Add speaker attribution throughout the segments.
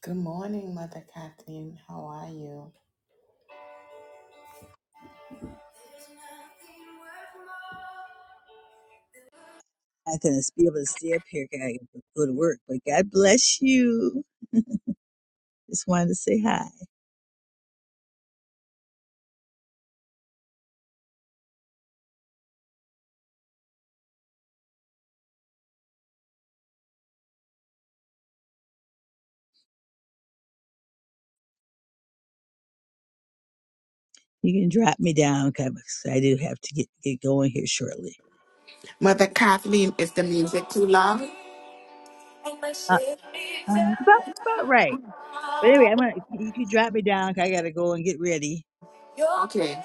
Speaker 1: Good morning, Mother Kathleen. How are you?
Speaker 2: I couldn't be able to stay up here. 'cause I gotta go to work, but God bless you. Just wanted to say hi. You can drop me down 'cause I do have to get, get going here shortly.
Speaker 1: Mother Kathleen, is the music too loud?
Speaker 2: Uh, uh, it's about it's about right. But anyway, I'm gonna if you drop me down 'cause I gotta go and get ready.
Speaker 1: Okay.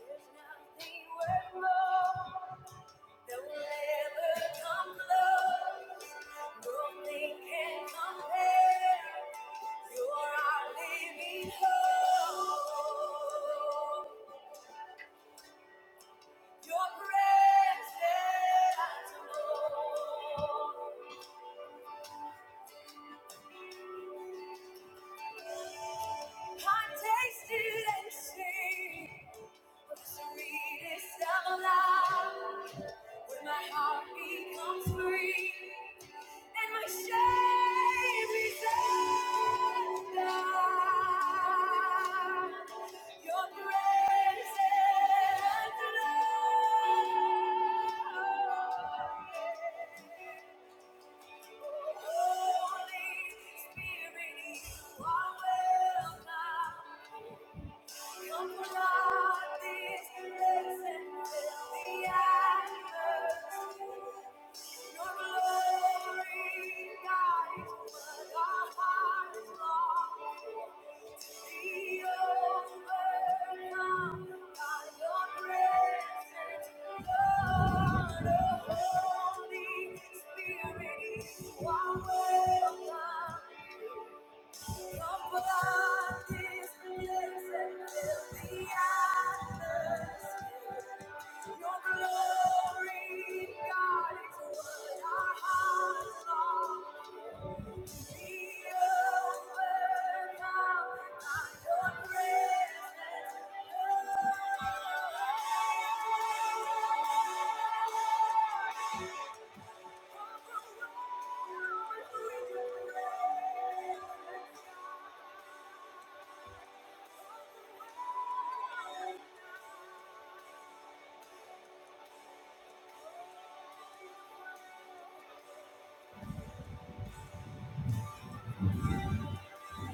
Speaker 1: There's nothing worth more. No ever come close. Nothing can compare. You're our living hope. Your presence, Lord. I've tasted and seen the sweetest of love. When my heart becomes free and my shame is undone, your grace and love. Holy Spirit, you are welcome. Come flood this place and fill the atmosphere. Your glory guides what our hearts long for. We overcome by your presence, Lord. Oh, Holy Spirit, you welcome. Thank you. Your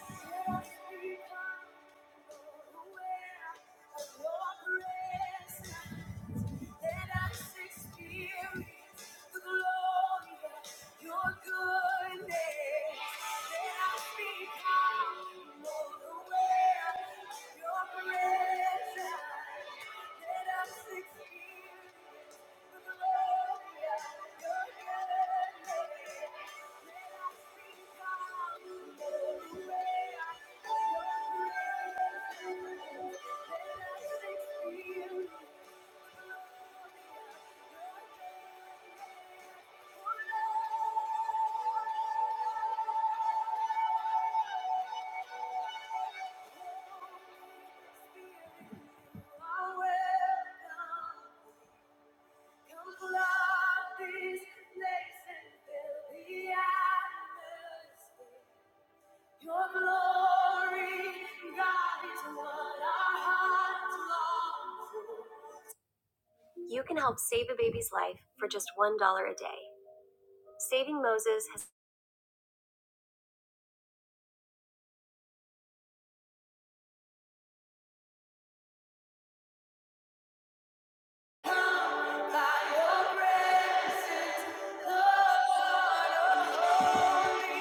Speaker 1: presence, let us experience. Come fly this place and fill the atmosphere. Your glory, God, is what our hearts long for. You can help save a baby's life for just $1 a day. Saving Moses has. Your glory,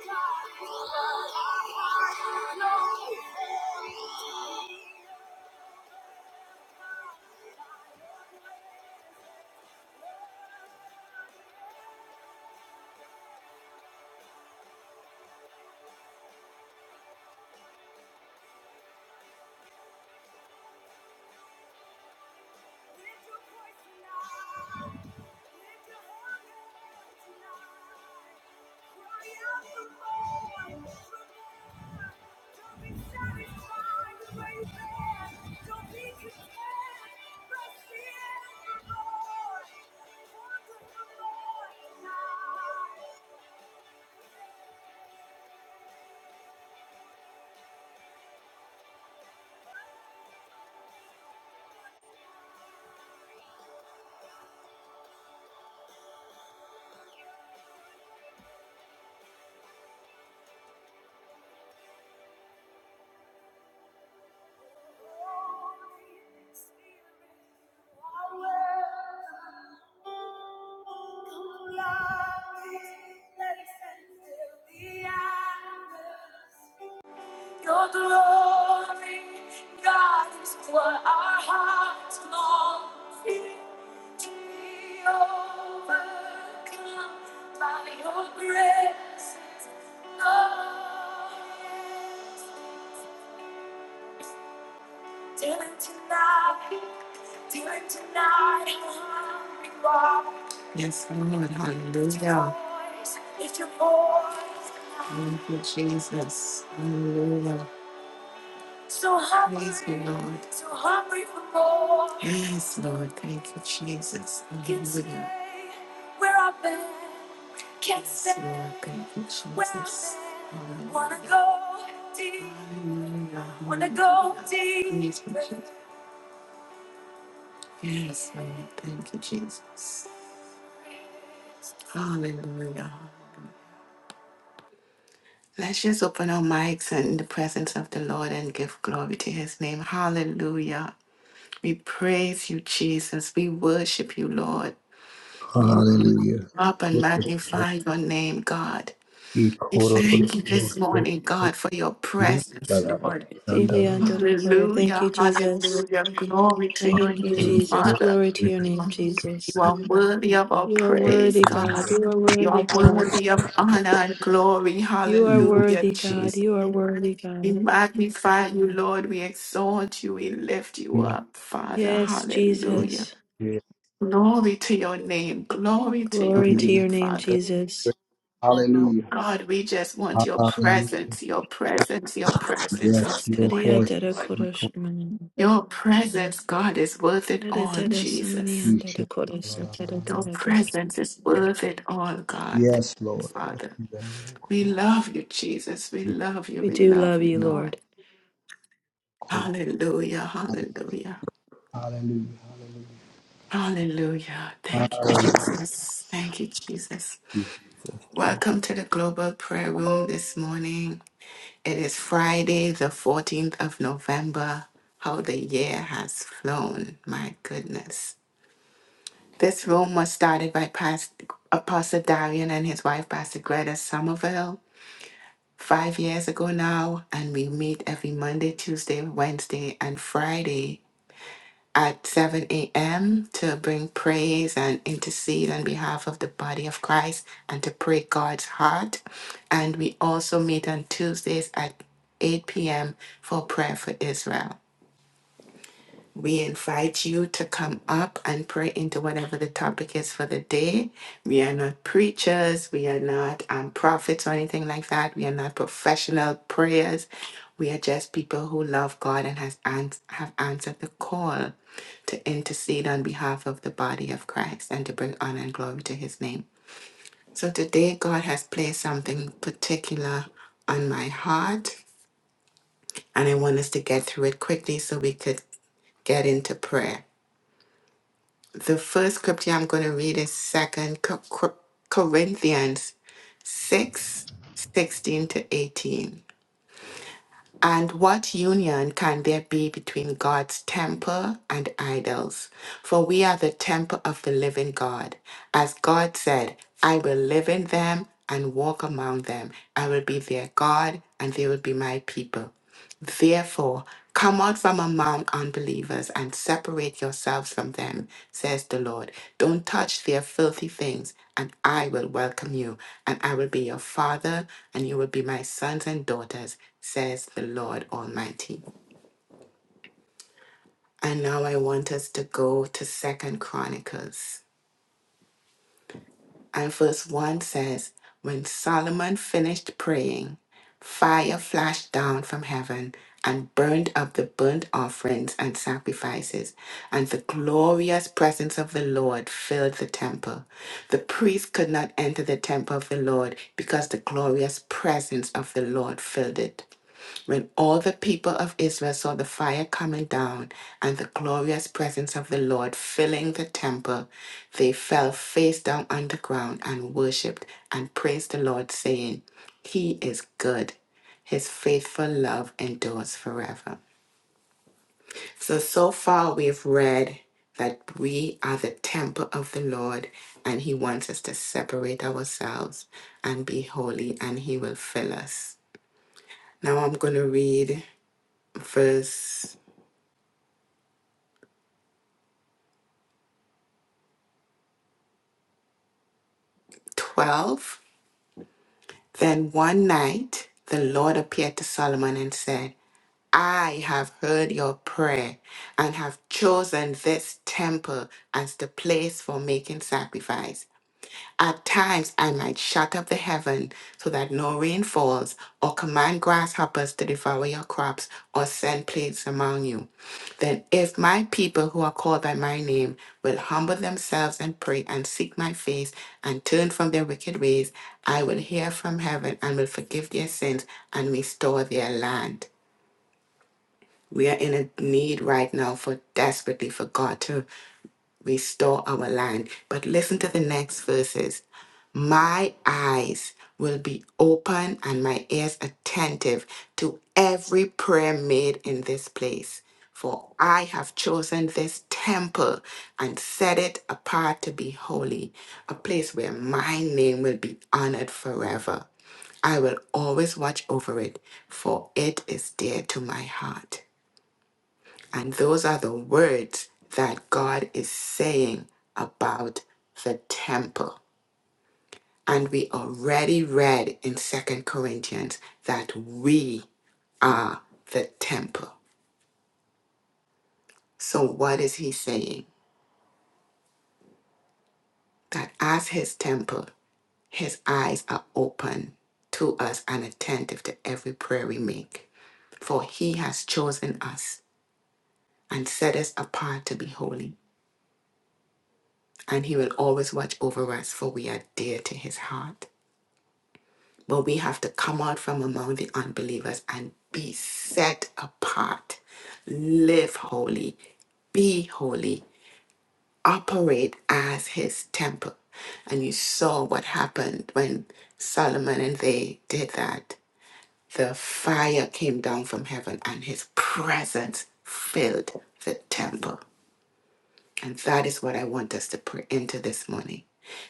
Speaker 1: God, I have no fear. Thank you. Your glory, God, is what our hearts long for. To be overcome by your grace. Oh, yes. Dealing tonight, dealing tonight, hungry walk. Yes, Lord, hallelujah. If your voice, thank you, Jesus, hallelujah. So hungry, praise you, Lord. So hungry for more. Yes, Lord, thank you, Jesus, Can hallelujah. Can't stay where I've been, can't stay yes, Lord, thank you, where I've Jesus. been. Wanna Hallelujah. go deep, hallelujah. wanna go Hallelujah. deep. Praise you, Jesus. Yes, Lord. Thank you, Jesus. Hallelujah. Let's just open our mics in the presence of the Lord and give glory to his name. Hallelujah. We praise you, Jesus. We worship you, Lord. We lift
Speaker 3: Hallelujah.
Speaker 1: up and
Speaker 3: Glory to God.
Speaker 1: magnify your name, God.
Speaker 3: E
Speaker 1: We
Speaker 3: koro ro
Speaker 1: thank you
Speaker 3: ro
Speaker 1: this
Speaker 3: sho
Speaker 1: morning,
Speaker 3: ro
Speaker 1: God, for your
Speaker 3: ro la
Speaker 1: presence,
Speaker 3: la ba.
Speaker 1: Lord.
Speaker 3: Dan da la la.
Speaker 4: Filiandorokoro. Thank
Speaker 1: Hallelujah.
Speaker 4: you, Jesus.
Speaker 1: Hallelujah. Glory to your
Speaker 4: Thank you,
Speaker 1: name,
Speaker 3: Glory to
Speaker 4: Jesus.
Speaker 3: God.
Speaker 1: Father.
Speaker 4: Glory to
Speaker 3: E koro ro
Speaker 4: your
Speaker 3: ro
Speaker 4: name, Jesus.
Speaker 1: You are worthy of our
Speaker 4: You are
Speaker 1: praise,
Speaker 4: worthy,
Speaker 3: sho
Speaker 1: God.
Speaker 4: God. You are
Speaker 1: You are
Speaker 4: worthy, God.
Speaker 1: worthy of honor and glory.
Speaker 4: You are
Speaker 1: Hallelujah,
Speaker 4: worthy, God.
Speaker 1: Jesus.
Speaker 4: You are worthy,
Speaker 1: We
Speaker 4: God.
Speaker 1: magnify you, Lord. We exalt you. We lift you up, Father.
Speaker 4: Yes,
Speaker 1: Hallelujah.
Speaker 4: Jesus.
Speaker 1: Glory to your name. Glory to
Speaker 3: ro
Speaker 1: your
Speaker 4: Glory
Speaker 3: ro la
Speaker 4: to
Speaker 3: la.
Speaker 4: your
Speaker 1: name,
Speaker 4: name,
Speaker 1: Father.
Speaker 4: Jesus.
Speaker 1: Oh
Speaker 3: Hallelujah.
Speaker 1: God, we just want your
Speaker 3: Hallelujah.
Speaker 1: presence, your presence, your presence
Speaker 3: Yes,
Speaker 1: this morning,
Speaker 3: Lord.
Speaker 1: Lord.
Speaker 4: Kariadorokoro
Speaker 3: Thank you.
Speaker 4: shimani.
Speaker 1: Your presence, God, is worth it all, Jesus.
Speaker 3: E koro ro sho ro ro
Speaker 4: Adadadasamaniandorokoro
Speaker 3: la la la la
Speaker 1: Your
Speaker 3: la.
Speaker 4: sakadakadadu.
Speaker 1: presence is worth it all, God. Thank
Speaker 3: Yes,
Speaker 1: you,
Speaker 3: Lord.
Speaker 1: Father.
Speaker 3: Yeah.
Speaker 1: We love you, Jesus. We
Speaker 3: Yeah.
Speaker 1: love you.
Speaker 4: We
Speaker 1: We
Speaker 4: do
Speaker 1: love
Speaker 4: love
Speaker 1: you,
Speaker 4: you,
Speaker 3: E
Speaker 1: Lord.
Speaker 4: Lord.
Speaker 3: koro
Speaker 1: Hallelujah.
Speaker 3: ro
Speaker 1: Hallelujah.
Speaker 3: Hallelujah.
Speaker 1: Hallelujah. Thank you,
Speaker 3: Hallelujah.
Speaker 1: Jesus. Thank you, Jesus.
Speaker 3: Hallelujah.
Speaker 1: Welcome to the Global Prayer Room this morning. It is Friday, the 14th of November. How the year has flown. My goodness. This room was started by Pastor, Apostle Darian and his wife, Pastor Greta Somerville. five years ago now, and we meet every Monday, Tuesday, Wednesday, and Friday at 7 a.m. to bring praise and intercede on behalf of the body of Christ and to pray God's heart. And we also meet on Tuesdays at 8 p.m. for prayer for Israel. We invite you to come up and pray into whatever the topic is for the day. We are not preachers, we are not um, prophets or anything like that. We are not professional prayers. We are just people who love God and has ans- have answered the call to intercede on behalf of the body of Christ and to bring honor and glory to his name. So today, God has placed something particular on my heart, and I want us to get through it quickly so we could get into prayer. The first scripture I'm going to read is Second Co- Co- Corinthians 6 16 to 18. And what union can there be between God's temple and idols? For we are the temple of the living God. As God said, I will live in them and walk among them. I will be their God, and they will be my people. Therefore, come out from among unbelievers and separate yourselves from them, says the Lord. Don't touch their filthy things, and I will welcome you, and I will be your father, and you will be my sons and daughters, says the Lord Almighty. And now I want us to go to Second Chronicles. And verse 1 says, When Solomon finished praying, fire flashed down from heaven and burned up the burnt offerings and sacrifices, and the glorious presence of the Lord filled the temple. The priest could not enter the temple of the Lord because the glorious presence of the Lord filled it. When all the people of Israel saw the fire coming down and the glorious presence of the Lord filling the temple, they fell face down on the ground and worshipped and praised the Lord, saying, He is good. His faithful love endures forever. So, so far we've read that we are the temple of the Lord and He wants us to separate ourselves and be holy, and He will fill us. Now I'm going to read verse 12. Then one night the Lord appeared to Solomon and said, I have heard your prayer and have chosen this temple as the place for making sacrifice. At times I might shut up the heaven so that no rain falls, or command grasshoppers to devour your crops, or send plagues among you. Then if my people who are called by my name will humble themselves and pray and seek my face and turn from their wicked ways, I will hear from heaven and will forgive their sins and restore their land. We are in a need right now for desperately for God to restore our land. But listen to the next verses. My eyes will be open and my ears attentive to every prayer made in this place. For I have chosen this temple and set it apart to be holy, a place where my name will be honored forever. I will always watch over it, for it is dear to my heart. And those are the words that God is saying about the temple. And we already read in Second Corinthians that we are the temple. So, what is he saying? That as his temple, his eyes are open to us and attentive to every prayer we make. For he has chosen us and set us apart to be holy, and he will always watch over us, for we are dear to his heart. But we have to come out from among the unbelievers and be set apart, live holy, be holy, operate as his temple. And you saw what happened when Solomon and they did that. The fire came down from heaven and his presence filled the temple. And that is what I want us to pray into this morning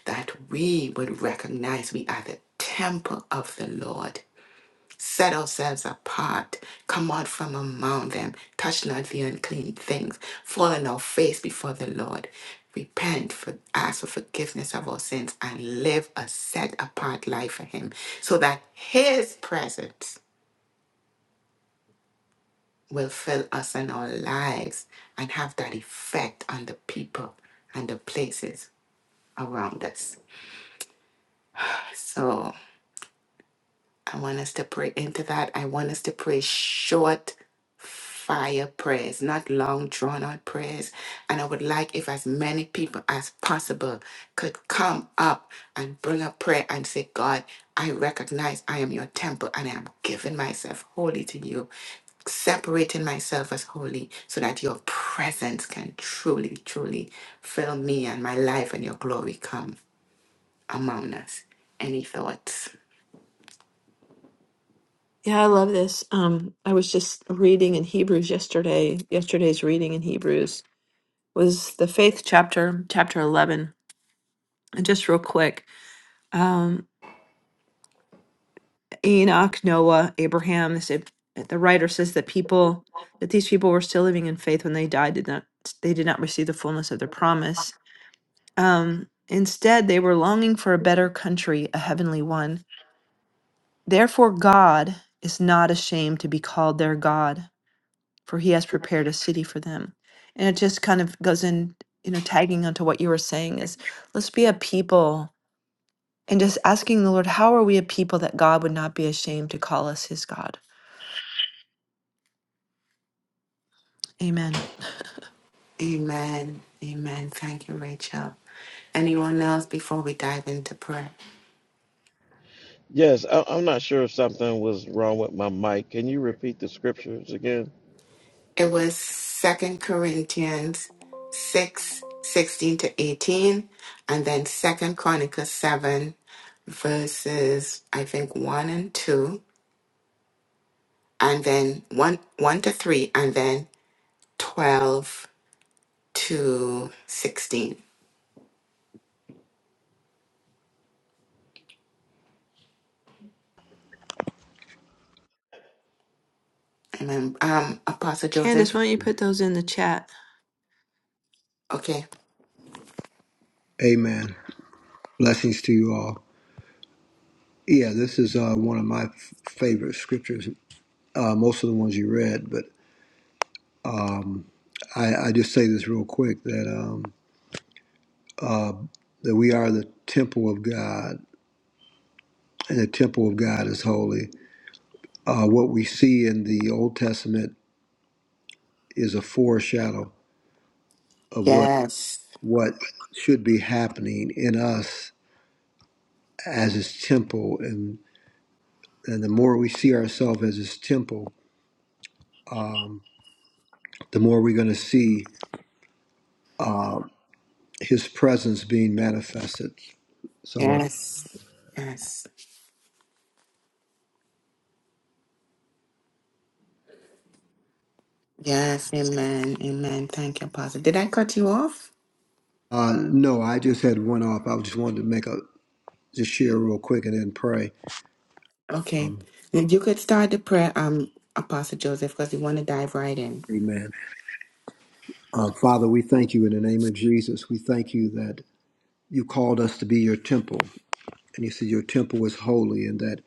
Speaker 1: that we would recognize we are the temple of the Lord set ourselves apart, come out from among them, touch not the unclean things, fall on our face before the Lord, repent, for, ask for forgiveness of our sins, and live a set apart life for Him, so that His presence will fill us in our lives and have that effect on the people and the places around us. So. I want us to pray into that. I want us to pray short fire prayers, not long drawn out prayers. And I would like if as many people as possible could come up and bring a prayer and say, God, I recognize I am your temple and I am giving myself wholly to you, separating myself as holy so that your presence can truly, truly fill me and my life and your glory come among us. Any thoughts?
Speaker 4: Yeah, I love this. Um, I was just reading in Hebrews yesterday, yesterday's reading in Hebrews was the faith chapter, chapter 11. And just real quick, um, Enoch, Noah, Abraham, they said, the writer says that people, that these people were still living in faith when they died, did not, they did not receive the fullness of their promise. Um, instead, they were longing for a better country, a heavenly one. Therefore, God is not ashamed to be called their God, for he has prepared a city for them. And it just kind of goes in, you know, tagging onto what you were saying is let's be a people and just asking the Lord, how are we a people that God would not be ashamed to call us his God? Amen.
Speaker 1: Amen. Amen. Thank you, Rachel. Anyone else before we dive into prayer?
Speaker 5: Yes, I, I'm not sure if something was wrong with my mic. Can you repeat the scriptures again?
Speaker 1: It was Second Corinthians 6 16 to 18, and then Second Chronicles 7, verses, I think, 1 and 2, and then 1, 1 to 3, and then 12 to 16. Amen. Um, Apostle
Speaker 4: Candace,
Speaker 1: Joseph?
Speaker 4: why don't you put those in the chat?
Speaker 1: Okay.
Speaker 3: Amen. Blessings to you all. Yeah, this is uh, one of my f- favorite scriptures. Uh, most of the ones you read, but um, I, I just say this real quick that um, uh, that we are the temple of God, and the temple of God is holy. Uh, what we see in the Old Testament is a foreshadow of what
Speaker 1: Yes.
Speaker 3: what should be happening in us as His temple, and and the more we see ourselves as His temple, um, the more we're going to see uh, His presence being manifested So I want to.
Speaker 1: Yes. Yes. Yes, amen, amen. Thank you, Apostle. Did I cut you off?
Speaker 3: Uh, no, I just had one off. I just wanted to make a just share real quick and then pray.
Speaker 1: Okay.
Speaker 3: Um,
Speaker 1: You could start the prayer, um, Apostle Joseph, because you want to dive right in.
Speaker 3: amen. Uh, Father, we thank you in the name of Jesus. We thank you that you called us to be your temple, and you said your temple is holy, and that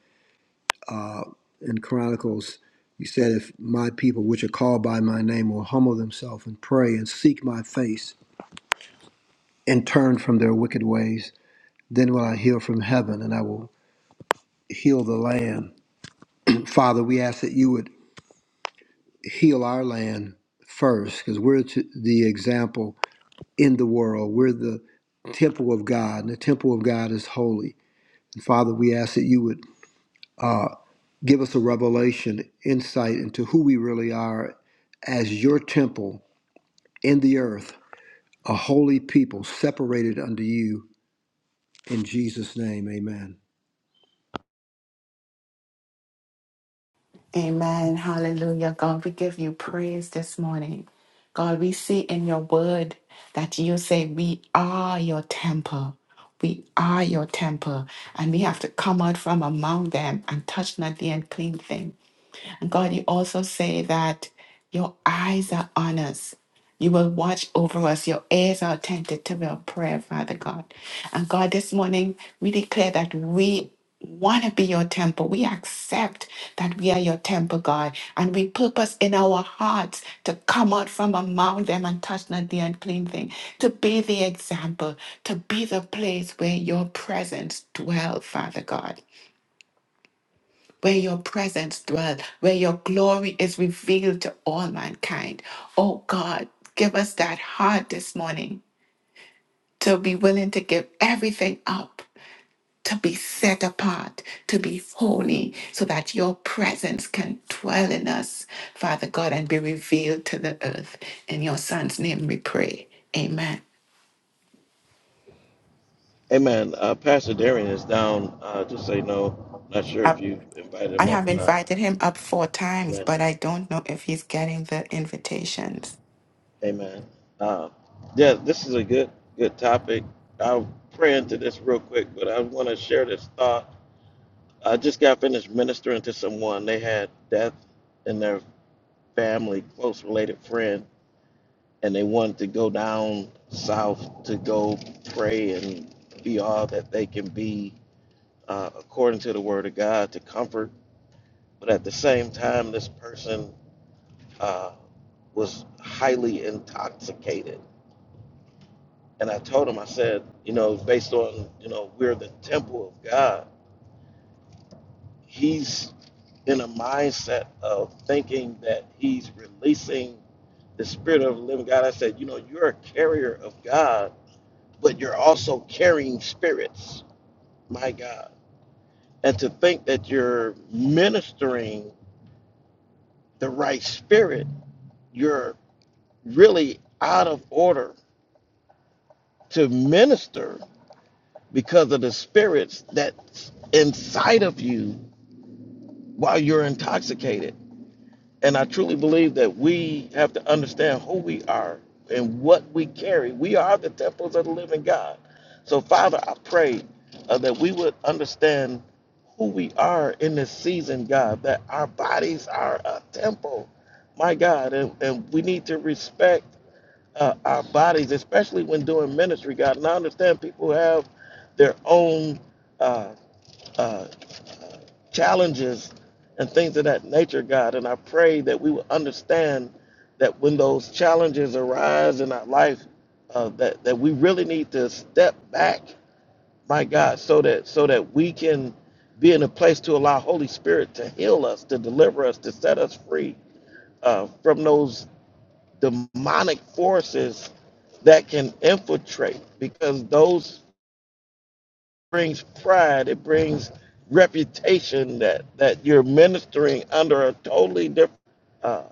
Speaker 3: in Chronicles you said, "If my people, which are called by my name, will humble themselves and pray and seek my face and turn from their wicked ways, then will I hear from heaven and I will heal the land." And Father, we ask that you would heal our land first because we're the example in the world. We're the temple of God, and the temple of God is holy. And Father, we ask that you would uh, give us a revelation, insight into who we really are as your temple in the earth, a holy people separated unto you. In Jesus' name, amen.
Speaker 1: Amen. Hallelujah. God, we give you praise this morning. God, we see in your word that you say we are your temple. We are your temple, and we have to come out from among them and touch not the unclean thing. And God, you also say that your eyes are on us. You will watch over us. Your ears are attentive to our prayer, Father God. And God, this morning we declare that we want to be your temple. We accept that we are your temple, God. And we purpose in our hearts to come out from among them and touch not the unclean thing, to be the example, to be the place where your presence dwells, Father God where your presence dwells, where your glory is revealed to all mankind. Oh God, give us that heart this morning to be willing to give everything up, to be set apart, to be holy, so that your presence can dwell in us, Father God, and be revealed to the earth. In your Son's name we pray. Amen.
Speaker 5: Amen. Uh, Pastor Darian is down. Uh, just say no. Not sure if
Speaker 1: Up-
Speaker 5: you invited
Speaker 1: I
Speaker 5: him
Speaker 1: have
Speaker 5: up or not.
Speaker 1: invited him up four times,
Speaker 5: Amen.
Speaker 1: but I don't know if he's getting the invitations.
Speaker 5: Amen. Uh, yeah, this is a good good topic. I'll pray into this real quick, but I want to share this thought. I just got finished ministering to someone. They had death in their family, close related friend and they wanted to go down south to go pray and be all that they can be uh, according to the word of God to comfort. But at the same time, this person uh, was highly intoxicated. And I told him, I said, you know, based on, you know, we're the temple of God, he's in a mindset of thinking that he's releasing the spirit of the living God. I said, you know, you're a carrier of God but you're also carrying spirits. My God. And to think that you're ministering the right spirit, you're really out of order to minister because of the spirits that's inside of you while you're intoxicated. And I truly believe that we have to understand who we are and what we carry. We are the temples of the living God. So, Father, I pray uh, that we would understand who we are in this season, God, that our bodies are a temple, my God, and, and we need to respect uh, our bodies, especially when doing ministry, God. And I understand people have their own. Uh, uh, challenges and things of that nature, God. And I pray that we will understand that when those challenges arise in our life, uh, that that we really need to step back, my God, so that so that we can be in a place to allow Holy Spirit to heal us, to deliver us, to set us free uh, from those demonic forces that can infiltrate, because those brings pride. It brings reputation that that you're ministering under a totally different uh,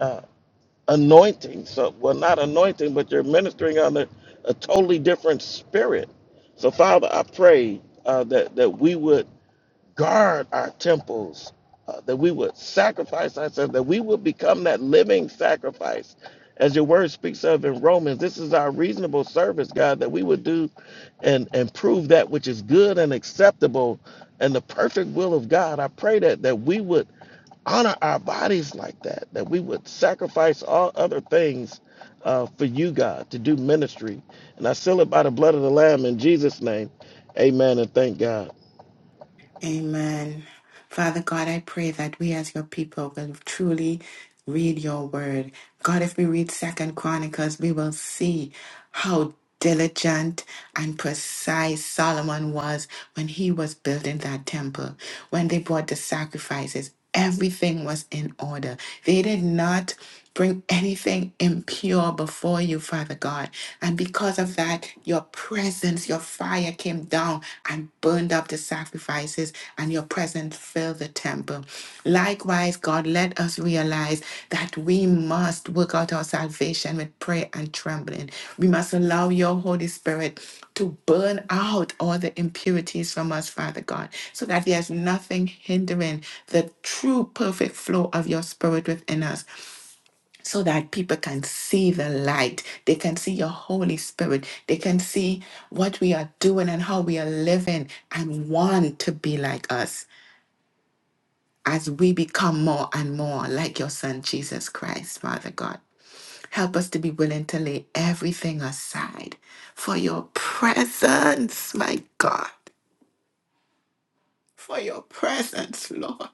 Speaker 5: uh, anointing. So, well, not anointing, but you're ministering under a totally different spirit. So, Father, I pray uh, that that we would guard our temples, uh, that we would sacrifice ourselves, that we would become that living sacrifice. As your word speaks of in Romans, this is our reasonable service, God, that we would do and, and prove that which is good and acceptable and the perfect will of God. I pray that that we would honor our bodies like that, that we would sacrifice all other things uh, for you, God, to do ministry. And I seal it by the blood of the Lamb in Jesus' name. Amen and thank God.
Speaker 1: Amen. Father God, I pray that we as your people will truly read your word. God, if we read Second Chronicles, we will see how diligent and precise Solomon was when he was building that temple, when they brought the sacrifices. Everything was in order. They did not bring anything impure before you, Father God. And because of that, your presence, your fire came down and burned up the sacrifices, and your presence filled the temple. Likewise, God, let let us realize that we must work out our salvation with prayer and trembling. We must allow your Holy Spirit to burn out all the impurities from us, Father God, so that there's nothing hindering the true perfect flow of your Spirit within us, so that people can see the light. They can see your Holy Spirit. They can see what we are doing and how we are living and want to be like us as we become more and more like your Son, Jesus Christ, Father God. Help us to be willing to lay everything aside for your presence, my God, for your presence, Lord.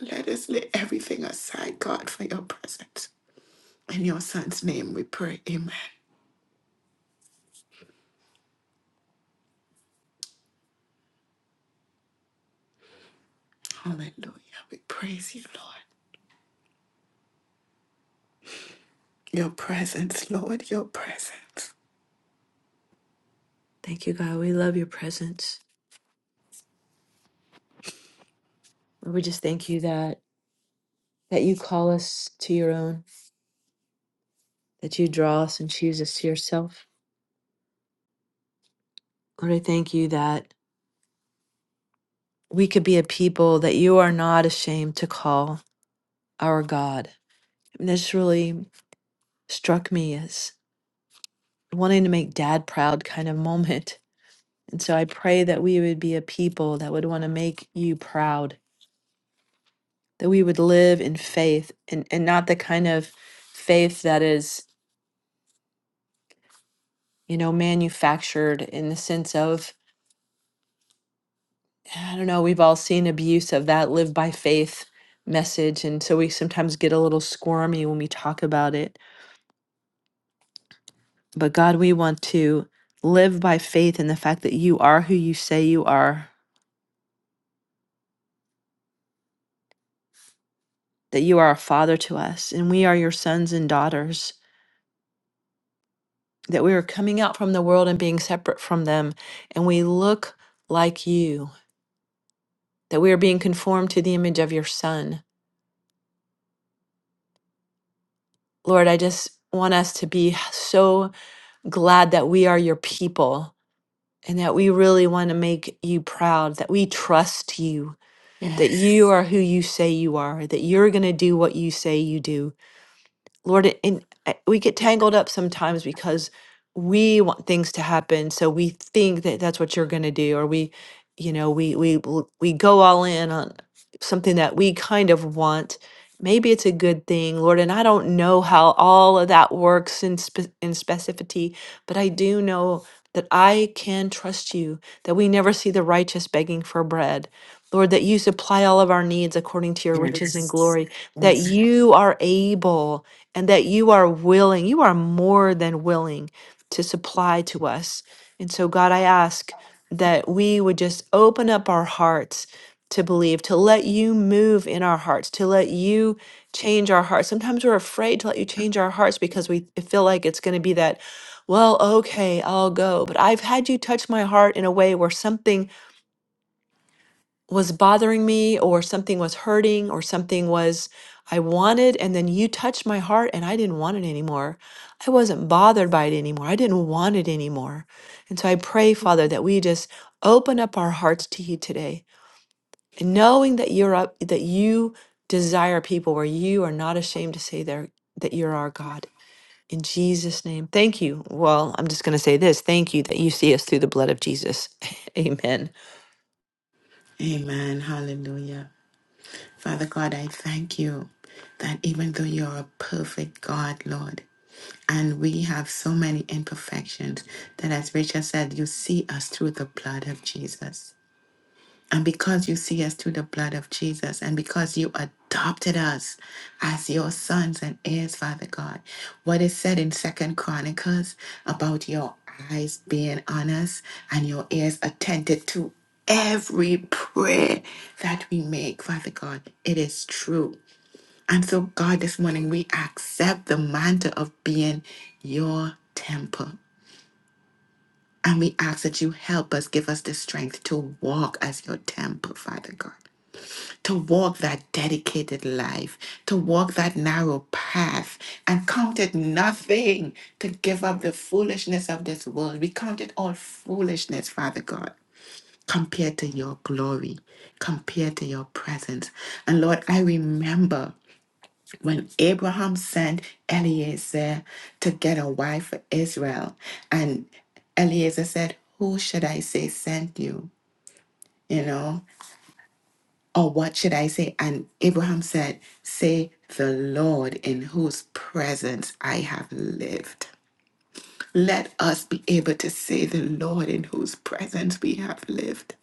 Speaker 1: Let us lay everything aside, God, for your presence. In your Son's name we pray, Amen. Hallelujah. We praise you, Lord. Your presence, Lord, your presence.
Speaker 4: Thank you, God. We love your presence. Lord, we just thank you that that you call us to your own, that you draw us and choose us to yourself. Lord, I thank you that we could be a people that you are not ashamed to call our God. And this really struck me as wanting to make dad proud kind of moment And so I pray that we would be a people that would want to make you proud, that we would live in faith and, and not the kind of faith that is, you know, manufactured in the sense of, I don't know, we've all seen abuse of that live by faith message. And so we sometimes get a little squirmy when we talk about it. But God, we want to live by faith in the fact that you are who you say you are, that you are a father to us, and we are your sons and daughters that we are coming out from the world and being separate from them, and we look like you, that we are being conformed to the image of your Son. Lord, I just want us to be so glad that we are your people and that we really want to make you proud, that we trust you, that you
Speaker 1: Yes.
Speaker 4: are who you say you are, that you're going to do what you say you do, Lord, and I- we get tangled up sometimes because we want things to happen, so we think that that's what you're going to do, or we, you know, we we bel- we go all in on something that we kind of want. Maybe it's a good thing, Lord, and I don't know how all of that works in spe- in specificity, but I do know that I can trust you. That we never see the righteous begging for bread, Lord. That you supply all of our needs according to your riches and
Speaker 1: Yes.
Speaker 4: glory. That
Speaker 1: Yes.
Speaker 4: you are able and that you are willing, you are more than willing to supply to us. And so, God, I ask that we would just open up our hearts to believe, to let you move in our hearts, to let you change our hearts. Sometimes we're afraid to let you change our hearts because we feel like it's going to be that, well, okay, I'll go. But I've had you touch my heart in a way where something was bothering me or something was hurting or something was I wanted and then you touched my heart and I didn't want it anymore. I wasn't bothered by it anymore. I didn't want it anymore. And so I pray, Father, that we just open up our hearts to you today. And knowing that you're up that you desire people where you are not ashamed to say there that you're our God. In Jesus' name. Thank you. Well, I'm just gonna say this. Thank you that you see us through the blood of Jesus. Amen.
Speaker 1: Amen. Hallelujah. Father God, I thank you that even though you're a perfect God, Lord, and we have so many imperfections, that as Rachel said, you see us through the blood of Jesus. And because you see us through the blood of Jesus, and because you adopted us as your sons and heirs, Father God, what is said in Second Chronicles about your eyes being on us and your ears attentive to every prayer that we make, Father God, it is true. And so, God, this morning we accept the mantle of being your temple. And we ask that you help us, give us the strength to walk as your temple, Father God to walk that dedicated life, to walk that narrow path, and count it nothing to give up the foolishness of this world. We count it all foolishness, Father God, compared to your glory, compared to your presence. And Lord, I remember when Abraham sent Eliezer to get a wife for Israel, and Eliezer said, Who should I say sent you? You know? Or what should I say? And Abraham said, Say, the Lord in whose presence I have lived. Let us be able to say, The Lord in whose presence we have lived.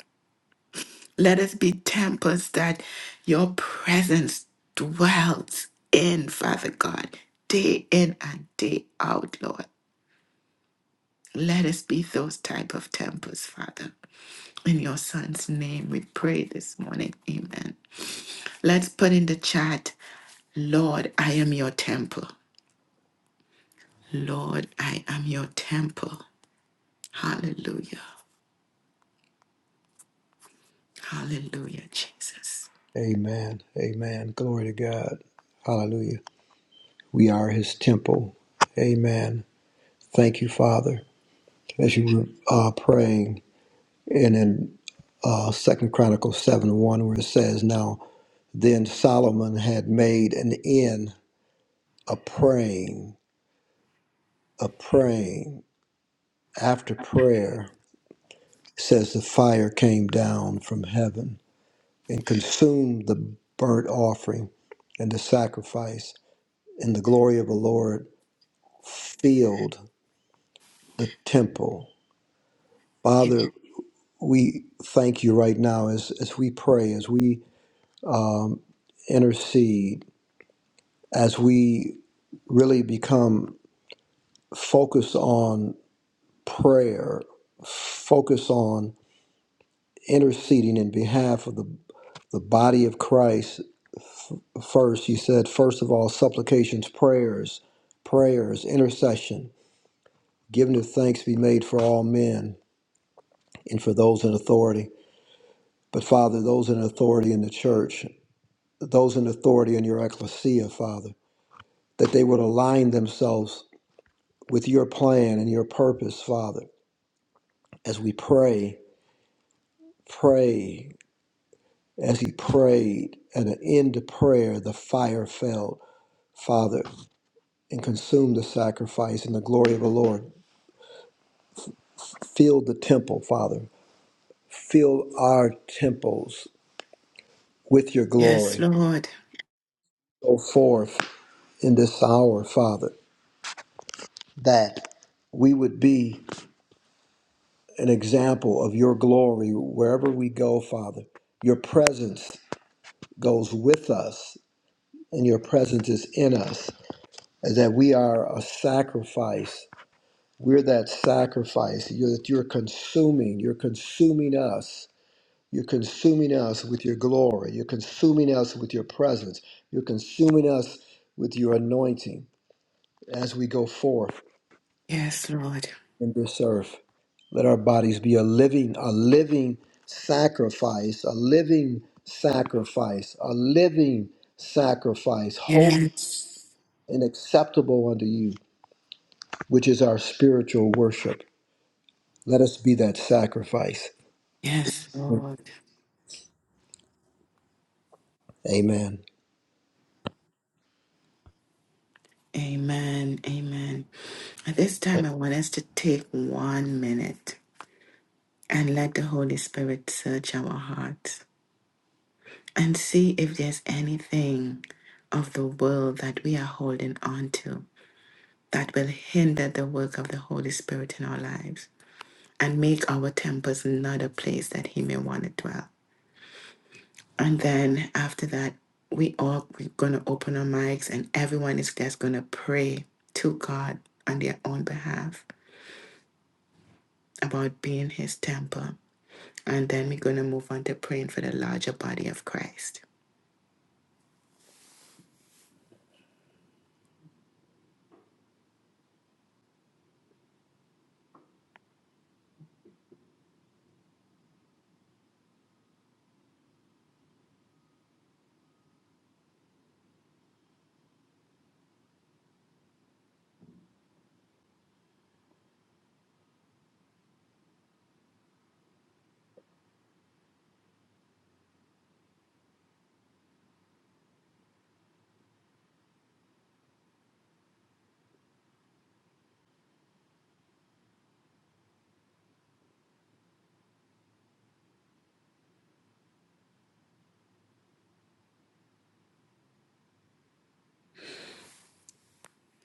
Speaker 1: Let us be temples that your presence dwells in, Father God, day in and day out, Lord. Let us be those type of temples, Father. In your son's name we pray this morning. Amen. Let's put in the chat, Lord, I am your temple. Lord, I am your temple. Hallelujah. Hallelujah, Jesus.
Speaker 3: Amen. Amen. Glory to God. Hallelujah. We are his temple. Amen. Thank you, Father. As you were uh, praying, and in uh, Second Chronicles seven one, where it says, "Now then Solomon had made an end of praying, of praying. After prayer, it says the fire came down from heaven and consumed the burnt offering and the sacrifice, and the glory of the Lord filled the temple." Father, we thank you right now as as we pray, as we um, intercede, as we really become focused on prayer, focus on interceding in behalf of the, the body of Christ first. You said, first of all, supplications, prayers, prayers, intercession, giving of thanks be made for all men and for those in authority. But Father, those in authority in the church, those in authority in your ecclesia, Father, that they would align themselves with your plan and your purpose, Father, as we pray, pray, As he prayed, at an end to prayer, the fire fell, Father, and consumed the sacrifice, and the glory of the Lord filled the temple, Father. Fill our temples with your
Speaker 1: Yes,
Speaker 3: glory.
Speaker 1: Lord.
Speaker 3: Go forth in this hour, Father, that we would be an example of your glory wherever we go, Father. Your presence goes with us, and your presence is in us, and that we are a sacrifice We're that sacrifice you're, that you're consuming. You're consuming us. You're consuming us with your glory. You're consuming us with your presence. You're consuming us with your anointing as we go forth
Speaker 1: Yes, Lord.
Speaker 3: in this earth. Let our bodies be a living, a living sacrifice, a living sacrifice, a living sacrifice, holy
Speaker 1: Yes.
Speaker 3: and acceptable unto you, which is our spiritual worship. Let us be that sacrifice.
Speaker 1: Yes, Lord.
Speaker 3: Amen.
Speaker 1: Amen. Amen. At this time, I want us to take one minute and let the Holy Spirit search our hearts and see if there's anything of the world that we are holding on to. that will hinder the work of the Holy Spirit in our lives and make our temples not a place that He may want to dwell. And then after that, we all we're gonna open our mics and everyone is just gonna pray to God on their own behalf about being His temple. And then we're gonna move on to praying for the larger body of Christ.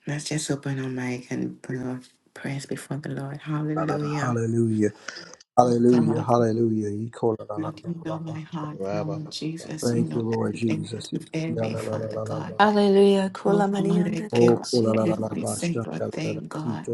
Speaker 1: Let's just open our mic and put our prayers before the Lord. Hallelujah.
Speaker 3: Hallelujah. Hallelujah.
Speaker 1: God.
Speaker 3: Hallelujah.
Speaker 1: Lord, you know my heart,
Speaker 5: ra
Speaker 1: Lord Jesus. You
Speaker 3: Thank you,
Speaker 1: know
Speaker 3: Lord
Speaker 1: everything that's
Speaker 3: Jesus.
Speaker 1: within me, Father God.
Speaker 4: Hallelujah.
Speaker 1: Lord,
Speaker 4: Kula
Speaker 1: Lord, I
Speaker 4: Marianda de
Speaker 3: Oh,
Speaker 1: give up
Speaker 4: Cosidi.
Speaker 1: every
Speaker 4: under
Speaker 1: single thing, God.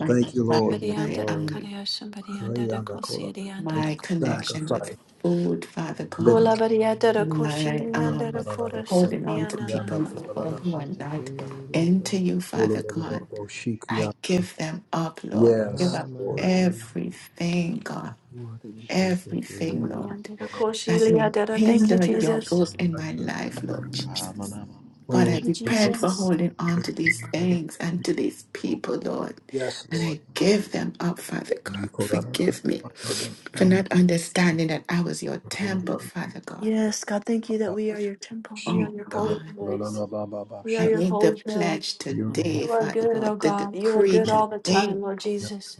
Speaker 1: My,
Speaker 3: Thank
Speaker 5: Yes,
Speaker 3: you,
Speaker 5: we
Speaker 1: my,
Speaker 3: Lord.
Speaker 5: give
Speaker 4: Somebody
Speaker 5: you
Speaker 1: my,
Speaker 4: under the
Speaker 5: glory.
Speaker 1: um,
Speaker 4: Korea, somebody under
Speaker 3: Hey,
Speaker 4: the Cosidi under
Speaker 3: Make
Speaker 1: my
Speaker 4: the
Speaker 3: a
Speaker 1: connection with
Speaker 3: sacrifice.
Speaker 1: food, Father
Speaker 5: ra
Speaker 1: God.
Speaker 3: Living.
Speaker 4: Kula Maria under the
Speaker 1: My
Speaker 4: Cosili under
Speaker 1: um,
Speaker 4: the Kora,
Speaker 1: holding
Speaker 4: somebody
Speaker 1: on to
Speaker 4: under
Speaker 1: people
Speaker 4: the
Speaker 1: Lord, who are not into you,
Speaker 3: Oh,
Speaker 1: Father God.
Speaker 3: Oh,
Speaker 1: I give them up, Lord. I give
Speaker 3: Yes,
Speaker 1: up
Speaker 3: Lord.
Speaker 1: everything, God.
Speaker 3: Lord, anything.
Speaker 1: Everything,
Speaker 3: Mm.
Speaker 4: somebody
Speaker 1: Lord.
Speaker 4: under the
Speaker 1: that
Speaker 4: Cosili
Speaker 1: may
Speaker 4: under the. Thank you,
Speaker 1: hinder your
Speaker 4: Jesus.
Speaker 1: work in my life, Lord Jesus. God,
Speaker 3: Oh,
Speaker 4: Thank
Speaker 1: I
Speaker 4: you,
Speaker 1: repent for
Speaker 4: Jesus.
Speaker 1: holding on to these things and to these people, Lord.
Speaker 3: Yes,
Speaker 1: And
Speaker 3: Lord.
Speaker 1: I give them up, Father God.
Speaker 3: Lord,
Speaker 1: Forgive me
Speaker 3: and
Speaker 1: for not understanding that I was your temple, Father God.
Speaker 4: Yes, God, thank you that we are your temple. We are
Speaker 1: Oh,
Speaker 4: your holy
Speaker 1: God.
Speaker 4: place. We are
Speaker 1: I
Speaker 4: your
Speaker 1: make the
Speaker 4: holy hill.
Speaker 1: pledge today,
Speaker 4: You are
Speaker 1: Father
Speaker 4: good,
Speaker 1: God,
Speaker 4: O
Speaker 1: the
Speaker 4: God. You are
Speaker 1: decree
Speaker 4: good all the
Speaker 1: today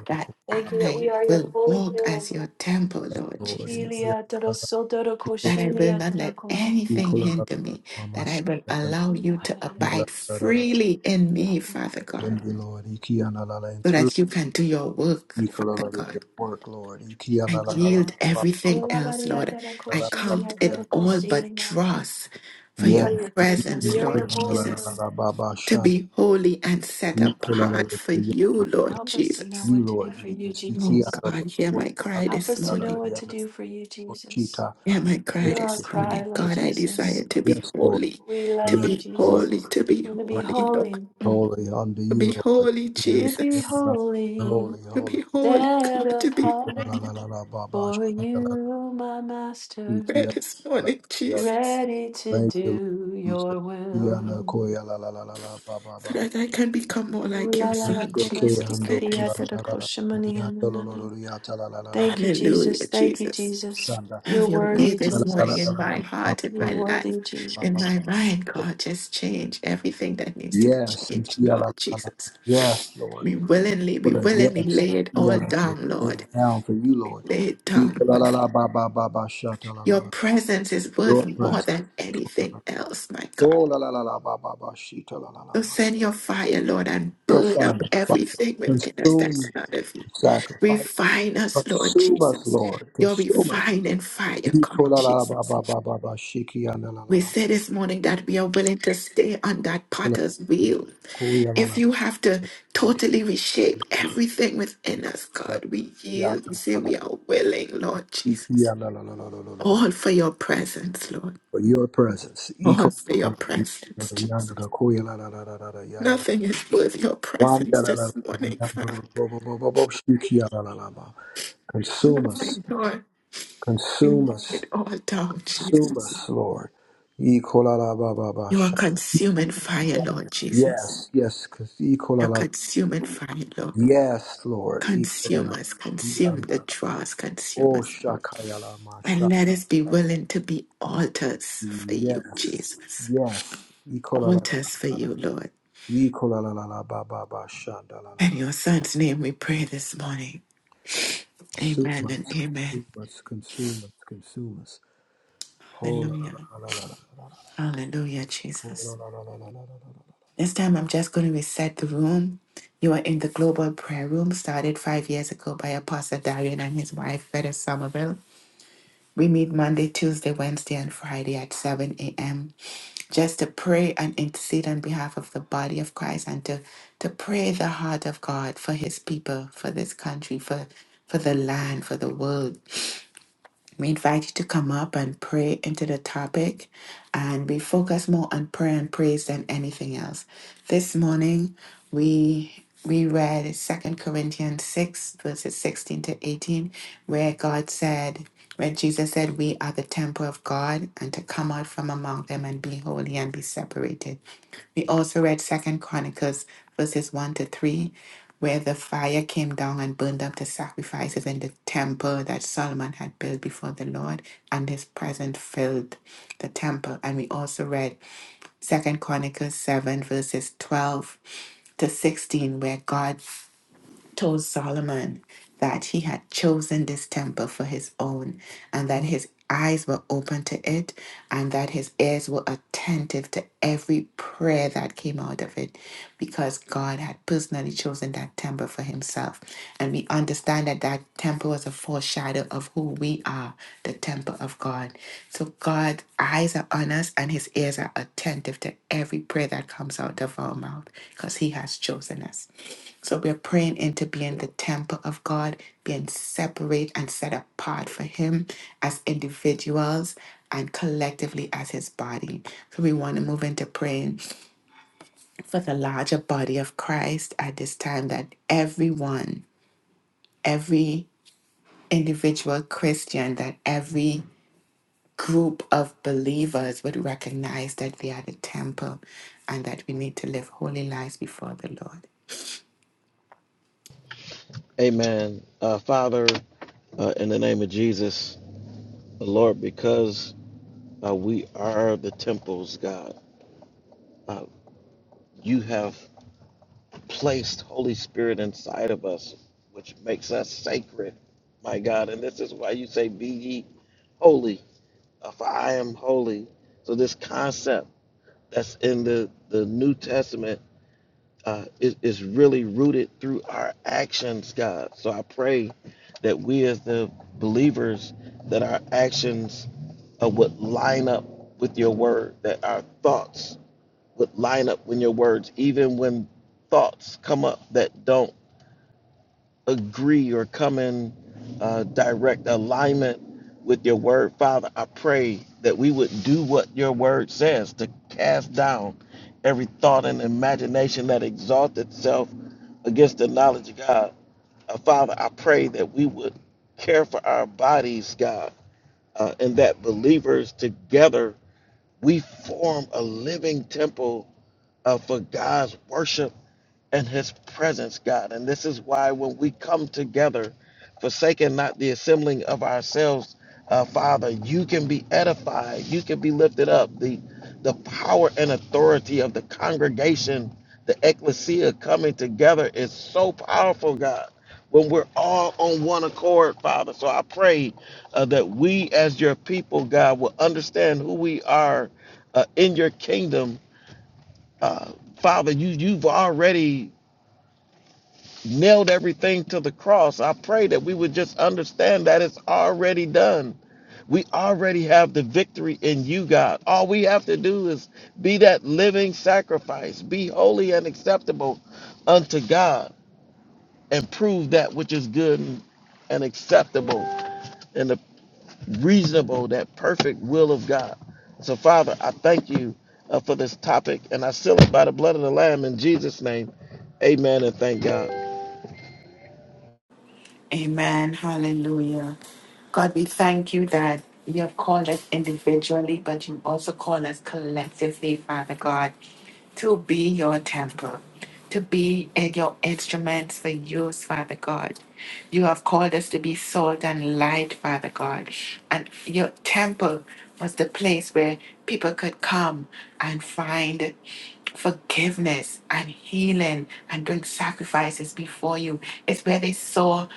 Speaker 1: that
Speaker 4: time.
Speaker 1: I will walk as your temple, Lord Jesus. that I will not let anything hinder me, that I will allow you to abide freely in me, Father God, so
Speaker 3: through
Speaker 1: that you can do your work,
Speaker 3: we
Speaker 1: Father
Speaker 3: your
Speaker 1: God.
Speaker 3: work, Lord.
Speaker 1: I yield everything else, Lord. I count it all but dross for
Speaker 4: We
Speaker 1: your
Speaker 3: Yes.
Speaker 1: presence, Lord Jesus, to be holy and set apart for
Speaker 3: Yes.
Speaker 1: you, Lord
Speaker 4: help us to know
Speaker 1: Jesus.
Speaker 3: you,
Speaker 4: what to do
Speaker 3: Lord
Speaker 4: for you,
Speaker 3: Jesus. You key
Speaker 1: Oh
Speaker 3: out
Speaker 4: Jesus.
Speaker 3: of the
Speaker 1: God, hear
Speaker 3: Lord,
Speaker 1: my cry
Speaker 4: Help
Speaker 1: this
Speaker 4: us to
Speaker 3: out of
Speaker 4: know
Speaker 1: morning.
Speaker 3: the
Speaker 4: what to
Speaker 3: other
Speaker 4: do for you, Jesus.
Speaker 3: Shita,
Speaker 1: Am I cry
Speaker 4: Hear
Speaker 1: this
Speaker 4: our
Speaker 3: Ishita.
Speaker 4: cry,
Speaker 1: morning?
Speaker 4: Lord
Speaker 1: God, I desire
Speaker 4: Jesus.
Speaker 1: to be
Speaker 3: Yes, Lord.
Speaker 1: holy,
Speaker 4: We
Speaker 1: to
Speaker 4: love
Speaker 3: Yes,
Speaker 4: you,
Speaker 1: be
Speaker 3: Lord.
Speaker 4: Jesus.
Speaker 1: holy, to be
Speaker 4: We're going to be
Speaker 3: Holy,
Speaker 1: holy, Lord,
Speaker 4: holy.
Speaker 3: holy unto
Speaker 1: to be
Speaker 3: you, Lord.
Speaker 1: holy,
Speaker 3: We
Speaker 4: We
Speaker 3: are
Speaker 4: Let to be
Speaker 1: Jesus,
Speaker 3: together.
Speaker 4: holy,
Speaker 3: Holy,
Speaker 1: to
Speaker 3: holy.
Speaker 1: be holy,
Speaker 4: set
Speaker 1: God, to be
Speaker 4: apart
Speaker 3: La,
Speaker 1: holy.
Speaker 3: la, la, la, ba, ba,
Speaker 4: for
Speaker 3: shita, la, la,
Speaker 4: you, my
Speaker 3: ti,
Speaker 4: master.
Speaker 3: ti,
Speaker 1: Pray
Speaker 3: ya,
Speaker 1: this
Speaker 3: la, la,
Speaker 1: morning,
Speaker 3: we are-
Speaker 1: Jesus,
Speaker 4: ready to
Speaker 3: Thank you, Lord
Speaker 4: do
Speaker 3: Jesus.
Speaker 4: your
Speaker 3: Ya,
Speaker 4: will.
Speaker 3: na, ko, ya, la, la, la, la, la, ba, ba,
Speaker 1: so
Speaker 3: ba, ba.
Speaker 1: that I can become more
Speaker 4: Ooh,
Speaker 1: like
Speaker 4: la,
Speaker 1: your
Speaker 4: la, la,
Speaker 1: Son,
Speaker 3: Ishta, ke, ya,
Speaker 4: korasti
Speaker 1: Jesus.
Speaker 3: ndo, ko,
Speaker 1: Thank you
Speaker 3: la,
Speaker 1: for
Speaker 4: kiriata
Speaker 3: la,
Speaker 4: da
Speaker 3: la,
Speaker 1: that.
Speaker 3: la, la, la,
Speaker 4: koshimani
Speaker 3: ya, ta, lo, lo, lo,
Speaker 4: ananana.
Speaker 3: lo, ya, ta, la, la, la, la, la,
Speaker 4: Thank you,
Speaker 1: Hallelujah,
Speaker 4: Jesus. Thank you,
Speaker 1: Jesus.
Speaker 4: Jesus.
Speaker 3: shanda.
Speaker 1: Have
Speaker 4: You're
Speaker 1: your way
Speaker 4: worthy,
Speaker 3: La,
Speaker 1: this
Speaker 3: la, la, la,
Speaker 1: morning
Speaker 3: la,
Speaker 1: in
Speaker 4: Jesus.
Speaker 3: la,
Speaker 1: my
Speaker 3: la, ba,
Speaker 1: heart, in
Speaker 3: ba, ba,
Speaker 1: my
Speaker 4: You're
Speaker 1: life,
Speaker 4: worthy,
Speaker 3: ba,
Speaker 1: in
Speaker 3: ba, ba.
Speaker 4: Jesus.
Speaker 1: my mind, God. Just change everything that needs to be
Speaker 3: Yes,
Speaker 1: changed, Lord
Speaker 3: Yala,
Speaker 1: Jesus.
Speaker 3: yes, Lord.
Speaker 1: We willingly, we
Speaker 3: Put a
Speaker 1: willingly
Speaker 3: yes,
Speaker 1: lay it all
Speaker 3: Yala,
Speaker 1: down, Lord.
Speaker 3: down for you, Lord.
Speaker 1: Lay it down,
Speaker 3: Yala,
Speaker 1: Lord.
Speaker 3: la, la, ba, ba, ba, ba, sha, ta, la, la,
Speaker 1: Your
Speaker 3: la.
Speaker 1: presence is
Speaker 3: Your
Speaker 1: worth more
Speaker 3: presence.
Speaker 1: than anything else, my God.
Speaker 3: Oh, la, la, la, la, ba, ba, ba, she, ta, la, la, la,
Speaker 1: So
Speaker 3: ba.
Speaker 1: send your fire, Lord, and
Speaker 3: Your
Speaker 1: burn
Speaker 3: fire,
Speaker 1: up
Speaker 3: fire.
Speaker 1: everything within us
Speaker 3: Consume
Speaker 1: that's not of you.
Speaker 3: sacrifice.
Speaker 1: Refine us, Lord
Speaker 3: Consume us,
Speaker 1: Jesus.
Speaker 3: Lord.
Speaker 1: Your
Speaker 3: Consume us.
Speaker 1: refining fire, God
Speaker 3: Yiko, la, la, la, ba,
Speaker 1: Jesus.
Speaker 3: ba, ba, ba, ba, she, ki, ya, la, la, la,
Speaker 1: We
Speaker 3: la.
Speaker 1: say this morning that we are willing to stay on that
Speaker 3: Ko, la, la,
Speaker 1: potter's
Speaker 3: la.
Speaker 1: wheel.
Speaker 3: Ko, ya, la, la,
Speaker 1: If
Speaker 3: la.
Speaker 1: you have to
Speaker 3: Yiko, la,
Speaker 1: totally reshape everything within us,
Speaker 3: la,
Speaker 1: God, we
Speaker 3: la,
Speaker 1: yield.
Speaker 3: la,
Speaker 1: We say
Speaker 3: la, la.
Speaker 1: we are willing, Lord Jesus.
Speaker 3: Ikiyalalalalalalo.
Speaker 1: All for your presence, Lord.
Speaker 3: For your presence.
Speaker 1: All
Speaker 3: Iko-
Speaker 1: for your presence, Jesus.
Speaker 3: Yandalakoyalalalalalala.
Speaker 1: Nothing is worth your presence this morning, Father.
Speaker 3: Yandalalalalalalala. Shikiyalalala. Consume us,
Speaker 1: Nothing, Lord. We lay
Speaker 3: consume
Speaker 1: it
Speaker 3: us,
Speaker 1: all down,
Speaker 3: consume
Speaker 1: Jesus.
Speaker 3: us, Lord.
Speaker 1: You are
Speaker 3: Ikolalababasha.
Speaker 1: consuming fire, Lord Jesus.
Speaker 3: Yes, yes, 'cause
Speaker 1: You're
Speaker 3: ikolalala.
Speaker 1: consuming fire, Lord.
Speaker 3: yes, Lord.
Speaker 1: Consume
Speaker 3: Ikolalala.
Speaker 1: us, consume the
Speaker 3: Yandalalala.
Speaker 1: dross, consume
Speaker 3: Oh,
Speaker 1: us, Lord. And
Speaker 3: Shakayalamasha.
Speaker 1: let us be willing to be altars for you,
Speaker 3: Yes,
Speaker 1: Jesus.
Speaker 3: yes.
Speaker 1: Altars for
Speaker 3: Ikolalala.
Speaker 1: you, Lord. In
Speaker 3: Ecolalalalabababashandalala.
Speaker 1: your son's name we pray this morning. Amen
Speaker 3: Consumers,
Speaker 1: and amen.
Speaker 3: consumers, consumers, consumers. Oh, la, la,
Speaker 1: Hallelujah.
Speaker 3: la, la, la, la, la.
Speaker 1: Hallelujah,
Speaker 3: Oh, la,
Speaker 1: Jesus.
Speaker 3: la, la, la, la, la,
Speaker 1: This time I'm just going to reset the room. You are in the global prayer room started five years ago by Apostle Darian and his wife, Veda Somerville. We meet Monday, Tuesday, Wednesday, and Friday at 7 a.m. just to pray and intercede on behalf of the body of Christ and to, to pray the heart of God for his people, for this country, for, for the land, for the world we invite you to come up and pray into the topic, and we focus more on prayer and praise than anything else. This morning, we we read Second Corinthians 6, verses 16 to 18, where God said, where Jesus said, We are the temple of God, and to come out from among them and be holy and be separated. We also read Second Chronicles verses one to three, where the fire came down and burned up the sacrifices in the temple that Solomon had built before the Lord, and his presence filled the temple. And we also read Second Chronicles seven verses twelve to sixteen, where God told Solomon that he had chosen this temple for his own and that his eyes were open to it and that his ears were attentive to every prayer that came out of it because God had personally chosen that temple for himself. And we understand that that temple was a foreshadow of who we are, the temple temple of God. So God's eyes are on us and his ears are attentive to every prayer that comes out of our mouth because he has chosen us. So we're praying into being the temple of God, being separate and set apart for him as individuals and collectively as his body. So we want to move into praying for the larger body of Christ at this time that everyone, every individual Christian, that every group of believers would recognize that they are the temple and that we need to live holy lives before the Lord.
Speaker 5: Amen. Uh, Father, uh, in the name of Jesus, Lord, because uh, we are the temples, God, uh, you have placed Holy Spirit inside of us, which makes us sacred, my God. And this is why you say, Be ye holy uh, for I am holy. So this concept that's in the, the New Testament uh, is, is really rooted through our actions, God. So I pray that we as the believers, that our actions uh, would line up with your word, that our thoughts would line up with your words, even when thoughts come up that don't agree or come in uh, direct alignment with your word. Father, I pray that we would do what your word says to cast down every thought and imagination that exalts itself against the knowledge of God. Uh, Father, I pray that we would care for our bodies, God, uh, and that believers together we form a living temple uh, for God's worship and his presence, God. And this is why when we come together, forsaking not the assembling of ourselves, uh, Father, you can be edified, you can be lifted up. The the power and authority of the congregation, the ecclesia coming together is so powerful, God. When we're all on one accord, Father. So I pray uh, that we, as your people, God, will understand who we are uh, in your kingdom. Uh, Father, you, you've already nailed everything to the cross. I pray that we would just understand that it's already done. We already have the victory in you, God. All we have to do is be that living sacrifice, be holy and acceptable unto God, and prove that which is good and acceptable and the reasonable, that perfect will of God. So, Father, I thank you uh, for this topic, and I seal it by the blood of the Lamb in Jesus' name. Amen, and thank God.
Speaker 1: Amen. Hallelujah. God, we thank you that you have called us individually, but you also call us collectively, Father God, to be your temple, to be in your instruments for use, Father God. You have called us to be salt and light, Father God. And your temple was the place where people could come and find forgiveness and healing and doing sacrifices before you. It's where they saw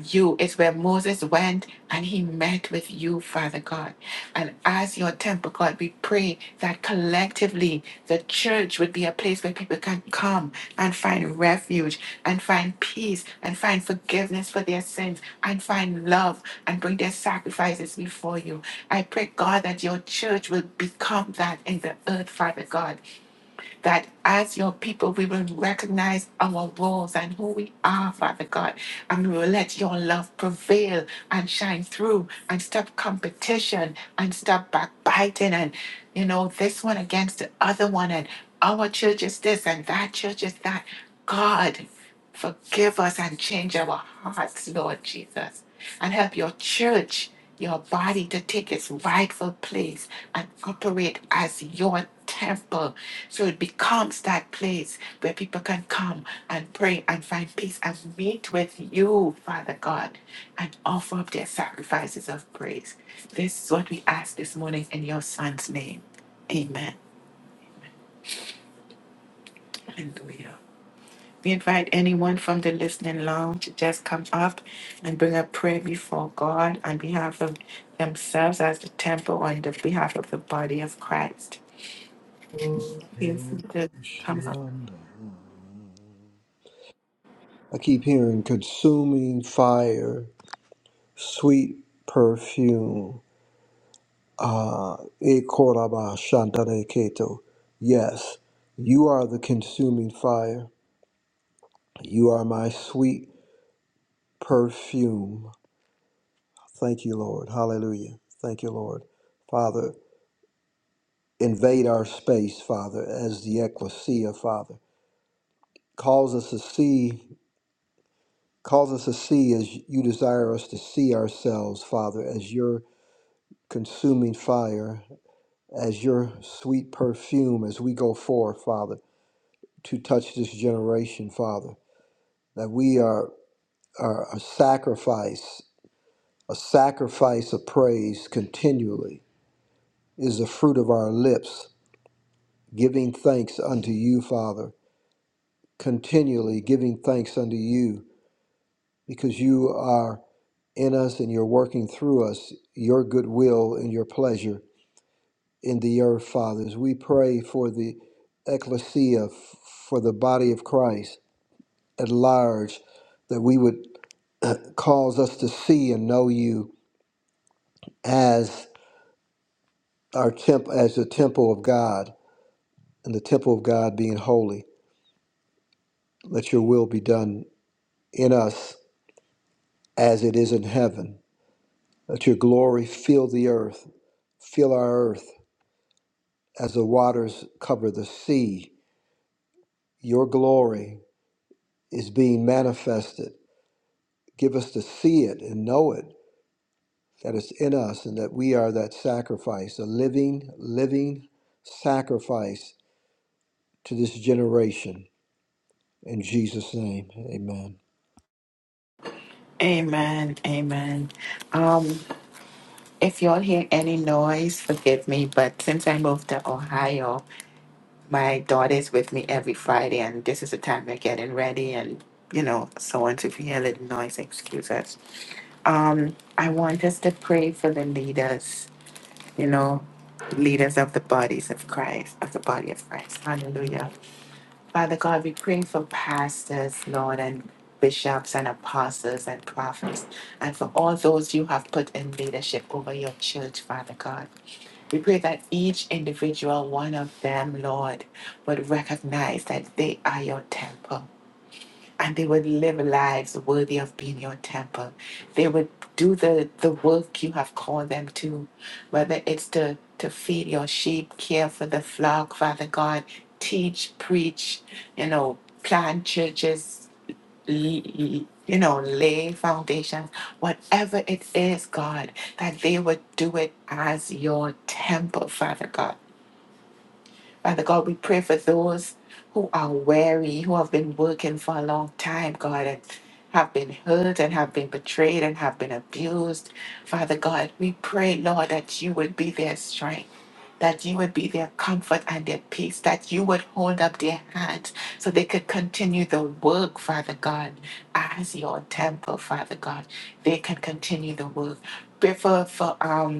Speaker 1: you. It's where Moses went and he met with you, Father God. And as your temple, God, we pray that collectively the church would be a place where people can come and find refuge and find peace and find forgiveness for their sins and find love and bring their sacrifices before you. I pray, God, that your church will become that in the earth, Father God that as your people, we will recognize our roles and who we are, Father God, and we will let your love prevail and shine through and stop competition and stop backbiting and, you know, this one against the other one and our church is this and that church is that. God. Forgive us and change our hearts, Lord Jesus, and help your church, your body to take its rightful place and operate as your temple. So it becomes that place where people can come and pray and find peace and meet with you, Father God, and offer up their sacrifices of praise. This is what we ask this morning in your son's name. Amen. Hallelujah. We invite anyone from the listening lounge to just come up and bring a prayer before God on behalf of themselves as the temple on the behalf of the body of Christ.
Speaker 3: la, la,
Speaker 1: Yes, just come up.
Speaker 3: Shianda. I keep hearing consuming fire, sweet perfume. Ah, ba la Ecolabashandareketo. Yes, you are the consuming fire. You are my sweet perfume. Thank you, Lord. Hallelujah. Thank you, Lord. Father, invade our space, Father, as the ecclesia, Father. Cause us to see, cause us to see as you desire us to see ourselves, Father, as your consuming fire, as your sweet perfume, as we go forth, Father, to touch this generation, Father. That we are, are a sacrifice, a sacrifice of praise continually is the fruit of our lips giving thanks unto you, Father, continually giving thanks unto you because you are in us and you're working through us, your goodwill and your pleasure in the earth, Father. As We pray for the ecclesia, f- for the body of Christ at large, that we would cause us to see and know you as our temp as the temple of God and the temple of God being holy. Let your will be done in us as it is in heaven. Let your glory fill the earth, fill our earth as the waters cover the sea. Your glory is being manifested. Give us to see it and know it, that it's in us and that we are that sacrifice, a living, living sacrifice to this generation. In Jesus' name, amen.
Speaker 1: Amen. Amen. Um, if y'all hear any noise, forgive me, but since I moved to Ohio, my daughter's with me every Friday and this is the time they're getting ready and you know, so on. So if you hear a little noise, excuse us. Um, I want us to pray for the leaders you know, leaders of the bodies of Christ, of the body of Christ. Hallelujah. Father God, we pray for pastors, Lord, and bishops and apostles and prophets, and for all those you have put in leadership over your church, Father God. We pray that each individual one of them, Lord, would recognize that they are your temple and they would live lives worthy of being your temple. They would do the, the work you have called them to, whether it's to, to feed your sheep, care for the flock, Father God, teach, preach, you know, plant churches, l- l- you know, lay foundations, whatever it is, God, that they would do it as your temple, Father God Father God, we pray for those who are weary, who have been working for a long time, God, and have been hurt and have been betrayed and have been abused. Father God, we pray, Lord, that you would be their strength. That you would be their comfort and their peace, that you would hold up their hands so they could continue the work, Father God, as your temple, Father God. They can continue the work. Pray for, for um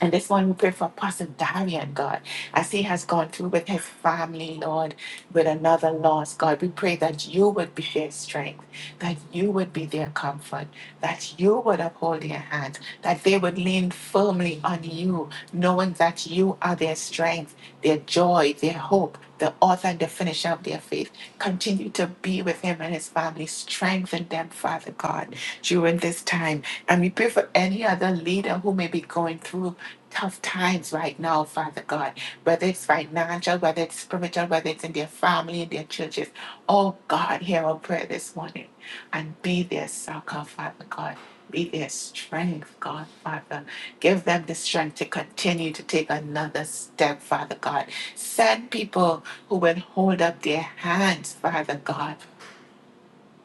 Speaker 1: and this one we pray for Pastor Darian, God, as he has gone through with his family, Lord, with another loss, God. We pray that you would be their strength, that you would be their comfort, that you would uphold their hands, that they would lean firmly on you, knowing that you are their strength, their joy, their hope, the author and the finisher of their faith. Continue to be with him and his family. Strengthen them, Father God, during this time. And we pray for any other leader who may be going through tough times right now, Father God, whether it's financial, whether it's spiritual, whether it's in their family, in their churches. Oh God, hear our prayer this morning and be their succor, Father God. Be their strength, God, Father. Give them the strength to continue to take another step, Father God. Send people who will hold up their hands, Father God,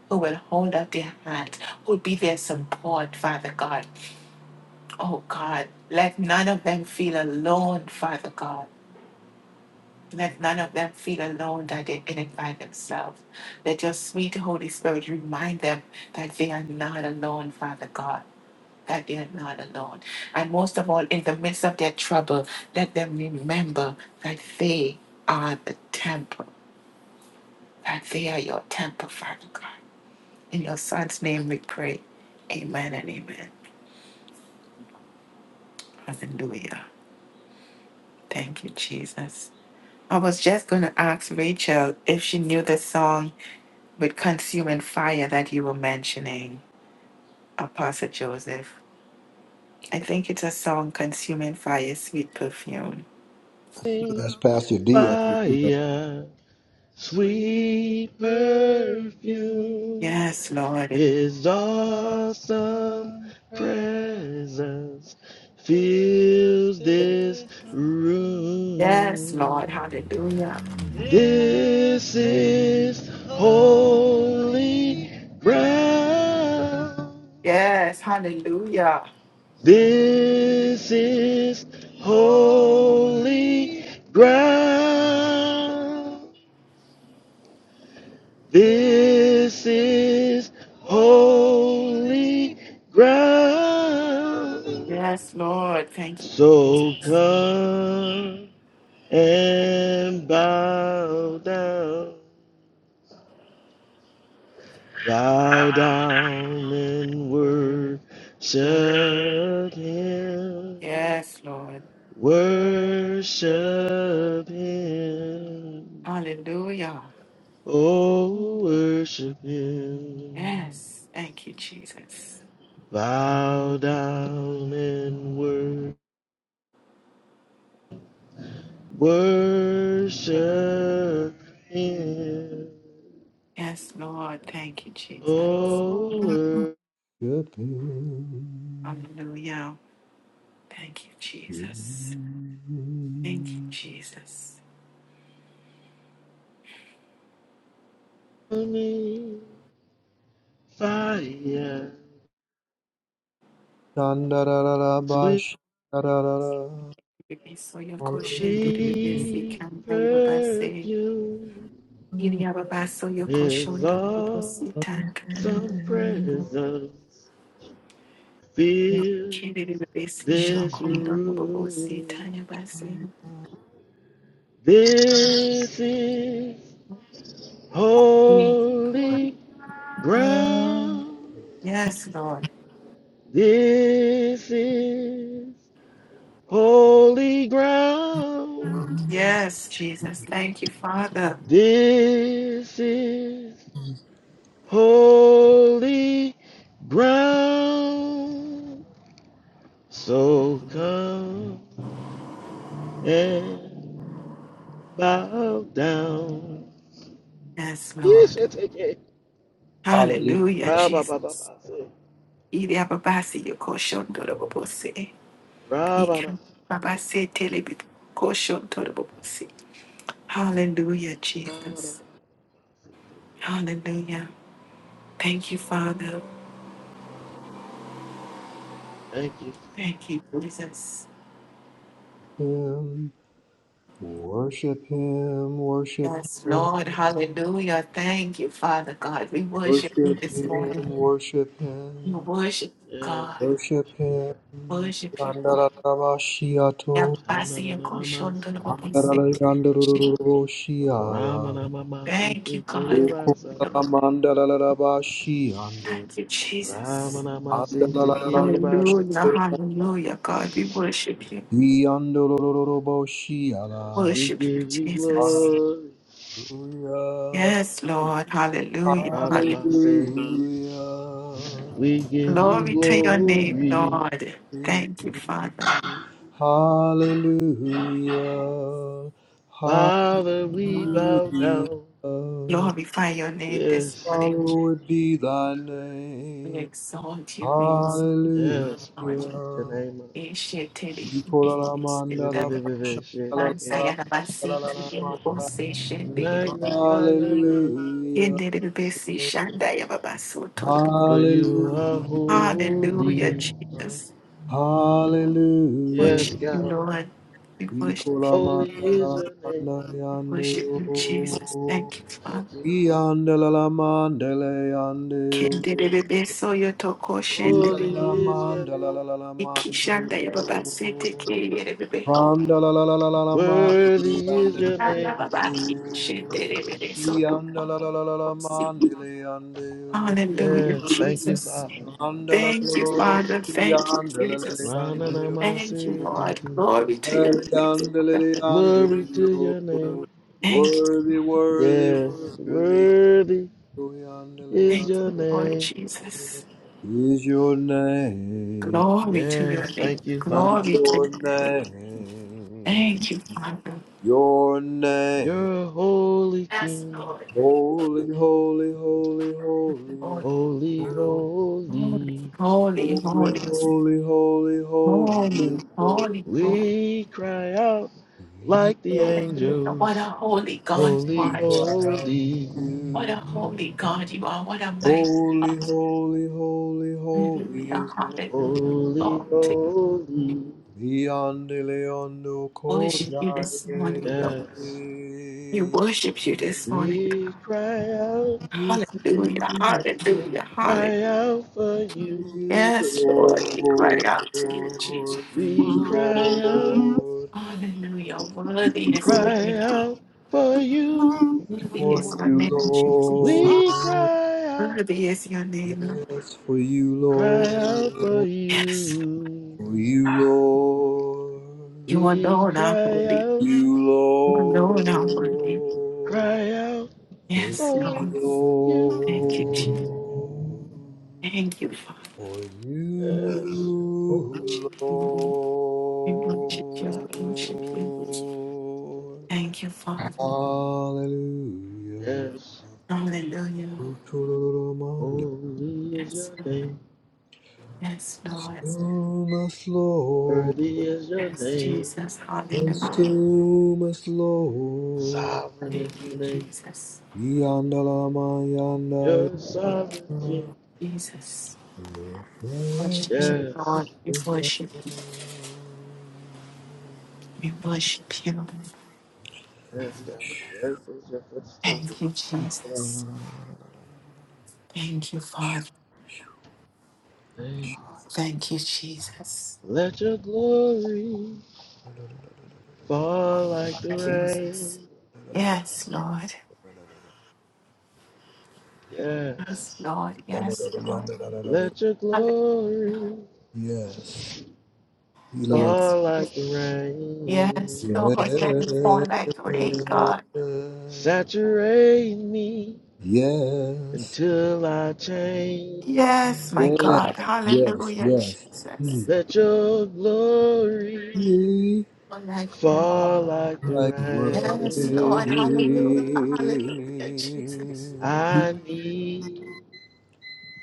Speaker 1: who will hold up their hands, who will be their support, Father God. Oh God, let none of them feel alone, Father God. Let none of them feel alone that they're in it by themselves. Let your sweet Holy Spirit remind them that they are not alone, Father God. That they are not alone. And most of all, in the midst of their trouble, let them remember that they are the temple, that they are your temple, Father God. In your Son's name we pray. Amen and amen. Hallelujah. Thank you, Jesus. I was just going to ask Rachel if she knew the song with Consuming Fire that you were mentioning, Apostle Joseph. I think it's a song, Consuming Fire, Sweet Perfume.
Speaker 3: That's Pastor D. I
Speaker 5: fire. Sweet perfume,
Speaker 1: Yes, Lord.
Speaker 5: His awesome presence fills this
Speaker 1: Yes, Lord.
Speaker 5: room.
Speaker 1: Hallelujah.
Speaker 5: This is holy ground.
Speaker 1: Yes, hallelujah.
Speaker 5: This is holy ground. This is holy ground.
Speaker 1: Yes, Lord. Thank you,
Speaker 5: So
Speaker 1: Jesus.
Speaker 5: come and bow down, bow down and worship him,
Speaker 1: Yes, Lord.
Speaker 5: worship him,
Speaker 1: Hallelujah.
Speaker 5: oh, worship him.
Speaker 1: Yes. Thank you, Jesus.
Speaker 5: Bow down and wor- worship him.
Speaker 1: Yes, Lord. Thank you, Jesus.
Speaker 3: think.
Speaker 5: Oh,
Speaker 1: Hallelujah. Thank you, Jesus. Thank you, Jesus.
Speaker 5: me fire, sweet
Speaker 1: So your caution did it
Speaker 3: Hallelujah.
Speaker 1: be busy. Come, I will be say.
Speaker 5: perfume,
Speaker 1: Here you have a pass So your
Speaker 5: his
Speaker 1: caution do not
Speaker 5: awesome
Speaker 1: was it tank and
Speaker 5: presence fills
Speaker 1: she did it be busy. Shock
Speaker 5: this
Speaker 1: on the mobile was it
Speaker 5: room.
Speaker 1: tiny bassy.
Speaker 5: This is holy ground.
Speaker 1: Yes, Lord.
Speaker 5: This is holy ground.
Speaker 1: Yes, Jesus. Thank you, Father.
Speaker 5: This is holy ground. So come and bow down.
Speaker 1: Yes,
Speaker 5: Yes,
Speaker 1: Lord.
Speaker 5: I take it.
Speaker 1: Hallelujah,
Speaker 5: Ra ba ba ba
Speaker 1: Jesus.
Speaker 5: ba. say.
Speaker 1: Iri ababasi yo koshon toro bobose.
Speaker 5: Ra ba da
Speaker 1: Ikam babase tele bi koshon toro bobosi. Hallelujah,
Speaker 5: ba ba ba ba
Speaker 1: Jesus. Hallelujah. Thank you, Father.
Speaker 5: Thank you.
Speaker 1: Thank you, Jesus.
Speaker 3: Worship him, worship
Speaker 1: Yes,
Speaker 3: him,
Speaker 1: Lord. Hallelujah. Thank you, Father God. We worship you
Speaker 3: worship
Speaker 1: this
Speaker 3: him,
Speaker 1: morning.
Speaker 3: worship
Speaker 1: We
Speaker 3: him,
Speaker 1: worship you, God.
Speaker 3: worship him.
Speaker 5: Yes.
Speaker 1: Worship you, God.
Speaker 3: Yandalalabashiato,
Speaker 5: Rama
Speaker 1: Yabasi yakoshondolobobose.
Speaker 3: yandalalurururushiala.
Speaker 5: Nama
Speaker 1: Thank you,
Speaker 5: Masita
Speaker 1: God.
Speaker 5: Kiribasa.
Speaker 3: Ukulamandalalabashiande,
Speaker 1: Thank you,
Speaker 5: Rama
Speaker 1: Jesus.
Speaker 5: Nama Sita
Speaker 3: andalalalabashiande,
Speaker 5: Kiribasa.
Speaker 1: Hallelujah. Hallelujah, God. We worship you.
Speaker 3: yandalurururushiala.
Speaker 5: We
Speaker 1: Worship you,
Speaker 5: give you
Speaker 1: Jesus.
Speaker 3: Hallelujah.
Speaker 5: glory.
Speaker 1: Yes, Lord. Hallelujah.
Speaker 5: Rababa
Speaker 1: Hallelujah.
Speaker 5: say,
Speaker 3: Hallelujah.
Speaker 5: we give you
Speaker 1: Glory to your name,
Speaker 5: glory.
Speaker 1: Lord. Thank you, Father.
Speaker 3: Hallelujah.
Speaker 5: Father, we bow
Speaker 3: Hallelujah.
Speaker 5: down.
Speaker 1: Glorify your name this
Speaker 5: Yes,
Speaker 1: morning.
Speaker 3: Hallowed be thy
Speaker 1: We
Speaker 3: name.
Speaker 1: exalt you, we exalt
Speaker 3: Hallelujah.
Speaker 5: yes,
Speaker 1: Lord.
Speaker 5: we lift your name up.
Speaker 1: Eshetele, eshetele. Mansayana basi, kiyo, ose, shendebe.
Speaker 5: Magnify your name,
Speaker 3: Hallelujah.
Speaker 1: Yendelebe, si, shandaya, babaso, tolobo.
Speaker 5: for you are
Speaker 3: Hallelujah.
Speaker 1: Hallelujah,
Speaker 5: holy.
Speaker 1: Jesus.
Speaker 3: Hallelujah.
Speaker 5: Yes,
Speaker 1: Worship you,
Speaker 5: God,
Speaker 1: Lord. We worship
Speaker 3: Nikola
Speaker 1: you.
Speaker 5: holy is
Speaker 3: mandala
Speaker 5: your name.
Speaker 3: mandala
Speaker 1: We
Speaker 3: yande o.
Speaker 1: worship you, Jesus. Thank you,
Speaker 5: Thank
Speaker 1: Father.
Speaker 5: you, Father.
Speaker 3: Yandala la mandala yande o.
Speaker 1: Kendelebe, so, yotoko, shendebe.
Speaker 3: Yandala la
Speaker 5: Holy is your name.
Speaker 3: mandala la la la mandala
Speaker 1: Ikishanda
Speaker 3: o.
Speaker 1: yababasete ke yerebebeho.
Speaker 3: Randala la la la la la mandala
Speaker 5: Worthy is
Speaker 3: yande o.
Speaker 5: your name.
Speaker 1: Ayababaki shenderebere soto.
Speaker 3: Yandala la la la la mandala yande o.
Speaker 1: Hallelujah,
Speaker 5: Yes, thank you,
Speaker 1: Jesus.
Speaker 5: Father.
Speaker 3: Randala la la la
Speaker 1: Thank you,
Speaker 3: la
Speaker 1: Father. Thank you,
Speaker 3: yandala la
Speaker 1: Jesus.
Speaker 3: yande o. Yandala la yande o.
Speaker 1: Thank you,
Speaker 5: Rananamasi,
Speaker 1: Lord.
Speaker 5: thank you.
Speaker 1: Glory to your name, Father.
Speaker 5: Glory to your name.
Speaker 1: Thank you.
Speaker 3: Worthy, worthy,
Speaker 5: Yes,
Speaker 3: worthy
Speaker 5: worthy is
Speaker 1: Thank
Speaker 5: your
Speaker 1: you, Lord
Speaker 5: name.
Speaker 1: Jesus.
Speaker 3: Is your name,
Speaker 1: Glory to your
Speaker 5: Yes,
Speaker 1: name.
Speaker 5: thank you, Father.
Speaker 3: is
Speaker 1: Glory to
Speaker 3: your
Speaker 1: your name.
Speaker 3: name,
Speaker 1: Thank you, Father.
Speaker 3: your name.
Speaker 5: You're a holy
Speaker 1: Yes,
Speaker 5: King.
Speaker 1: Lord.
Speaker 3: Holy, holy, holy, holy,
Speaker 1: Lord.
Speaker 5: Holy,
Speaker 1: Holy,
Speaker 5: holy.
Speaker 1: holy,
Speaker 3: holy,
Speaker 1: holy,
Speaker 3: holy, holy, holy,
Speaker 1: holy,
Speaker 3: Lord.
Speaker 1: holy, holy.
Speaker 5: We cry out
Speaker 3: Yes,
Speaker 5: like the
Speaker 1: Hallelujah. What a
Speaker 5: angels.
Speaker 1: holy God you
Speaker 5: Holy,
Speaker 3: we
Speaker 1: are,
Speaker 3: cry
Speaker 1: Jesus.
Speaker 3: out to
Speaker 5: holy.
Speaker 1: What
Speaker 3: you.
Speaker 1: a holy God you are. What a mighty God.
Speaker 3: Holy, holy, holy, holy is
Speaker 1: Hallelujah.
Speaker 3: the
Speaker 1: Hallelujah.
Speaker 5: Holy,
Speaker 1: Lord, thank you.
Speaker 5: holy.
Speaker 3: beyond the Leondo
Speaker 1: we worship you
Speaker 3: Kojai.
Speaker 1: this morning, Lord.
Speaker 5: Yes,
Speaker 1: We worship you this morning,
Speaker 5: we
Speaker 1: God.
Speaker 5: cry out,
Speaker 3: You you
Speaker 1: Hallelujah. Hallelujah. Hallelujah.
Speaker 5: cry out for you.
Speaker 1: Yes,
Speaker 3: Lord,
Speaker 1: Lord. We cry out
Speaker 3: you
Speaker 1: to you, Jesus.
Speaker 5: We
Speaker 3: Lord,
Speaker 5: cry out,
Speaker 1: Hallelujah. Worthy is your
Speaker 5: cry
Speaker 1: name.
Speaker 5: out for you.
Speaker 1: Worthy is
Speaker 3: for
Speaker 1: your
Speaker 3: you
Speaker 1: name, Jesus.
Speaker 3: Lord,
Speaker 5: We cry out,
Speaker 1: Worthy is your name, Lord.
Speaker 3: yes, for you Lord,
Speaker 5: cry out for
Speaker 1: Yes. Lord.
Speaker 5: you.
Speaker 3: for you Lord,
Speaker 1: You
Speaker 5: We
Speaker 1: alone are
Speaker 5: cry
Speaker 1: holy.
Speaker 5: out,
Speaker 3: you
Speaker 1: Oh,
Speaker 3: Lord,
Speaker 1: Lord, I'm worthy.
Speaker 5: cry out
Speaker 3: for
Speaker 1: Yes,
Speaker 5: for
Speaker 3: you
Speaker 1: Lord.
Speaker 5: you.
Speaker 1: Thank you, Jesus.
Speaker 3: Lord.
Speaker 1: Thank you, Father.
Speaker 3: For
Speaker 1: We
Speaker 3: you,
Speaker 5: Yes, you're holy.
Speaker 1: worship you.
Speaker 3: Lord.
Speaker 1: We worship you. We worship you. Thank you, Father.
Speaker 3: Hallelujah.
Speaker 5: Yes,
Speaker 1: Hallelujah.
Speaker 3: Utoloromanda.
Speaker 5: holy is
Speaker 1: Yes,
Speaker 5: your
Speaker 1: Lord.
Speaker 5: name.
Speaker 1: Yes, Lord.
Speaker 3: Consume us, Lord.
Speaker 5: Worthy is your
Speaker 1: Yes,
Speaker 5: name.
Speaker 1: Jesus. Hallelujah.
Speaker 3: Consume us, Lord.
Speaker 5: Sovereign
Speaker 1: Thank
Speaker 5: is
Speaker 1: you,
Speaker 5: your name.
Speaker 1: Jesus.
Speaker 3: Yandalama yanda
Speaker 5: You're
Speaker 3: yanda.
Speaker 5: sovereign king.
Speaker 1: Jesus.
Speaker 3: Your prayer
Speaker 1: Worship you, Lord.
Speaker 5: Yes.
Speaker 1: We worship.
Speaker 3: is
Speaker 1: We worship you.
Speaker 5: Yes, God. The earth is your footstool.
Speaker 1: Thank you, Jesus. Thank you, Father.
Speaker 5: Thank you.
Speaker 1: Thank you, Jesus.
Speaker 5: Let your glory fall like the
Speaker 1: Lord Jesus.
Speaker 5: rain.
Speaker 1: Yes, Lord.
Speaker 5: Yes.
Speaker 1: Yes, Lord.
Speaker 3: Yes. Yes.
Speaker 1: Yes, Lord.
Speaker 5: Let your
Speaker 1: Hallelujah.
Speaker 5: glory
Speaker 1: Yes,
Speaker 5: fall
Speaker 1: Jesus.
Speaker 5: like the rain.
Speaker 1: yes, Lord. Thank you for that great God.
Speaker 5: Saturate me until I change.
Speaker 1: Yes, my God.
Speaker 3: Yes. Yes.
Speaker 1: Hallelujah,
Speaker 3: Yes.
Speaker 1: Jesus.
Speaker 5: Let your glory
Speaker 3: Be
Speaker 1: For thy great
Speaker 5: fall
Speaker 1: God.
Speaker 5: like the
Speaker 3: my way.
Speaker 1: Yes, Lord.
Speaker 5: rain.
Speaker 1: Hallelujah. Hallelujah, Jesus.
Speaker 5: I need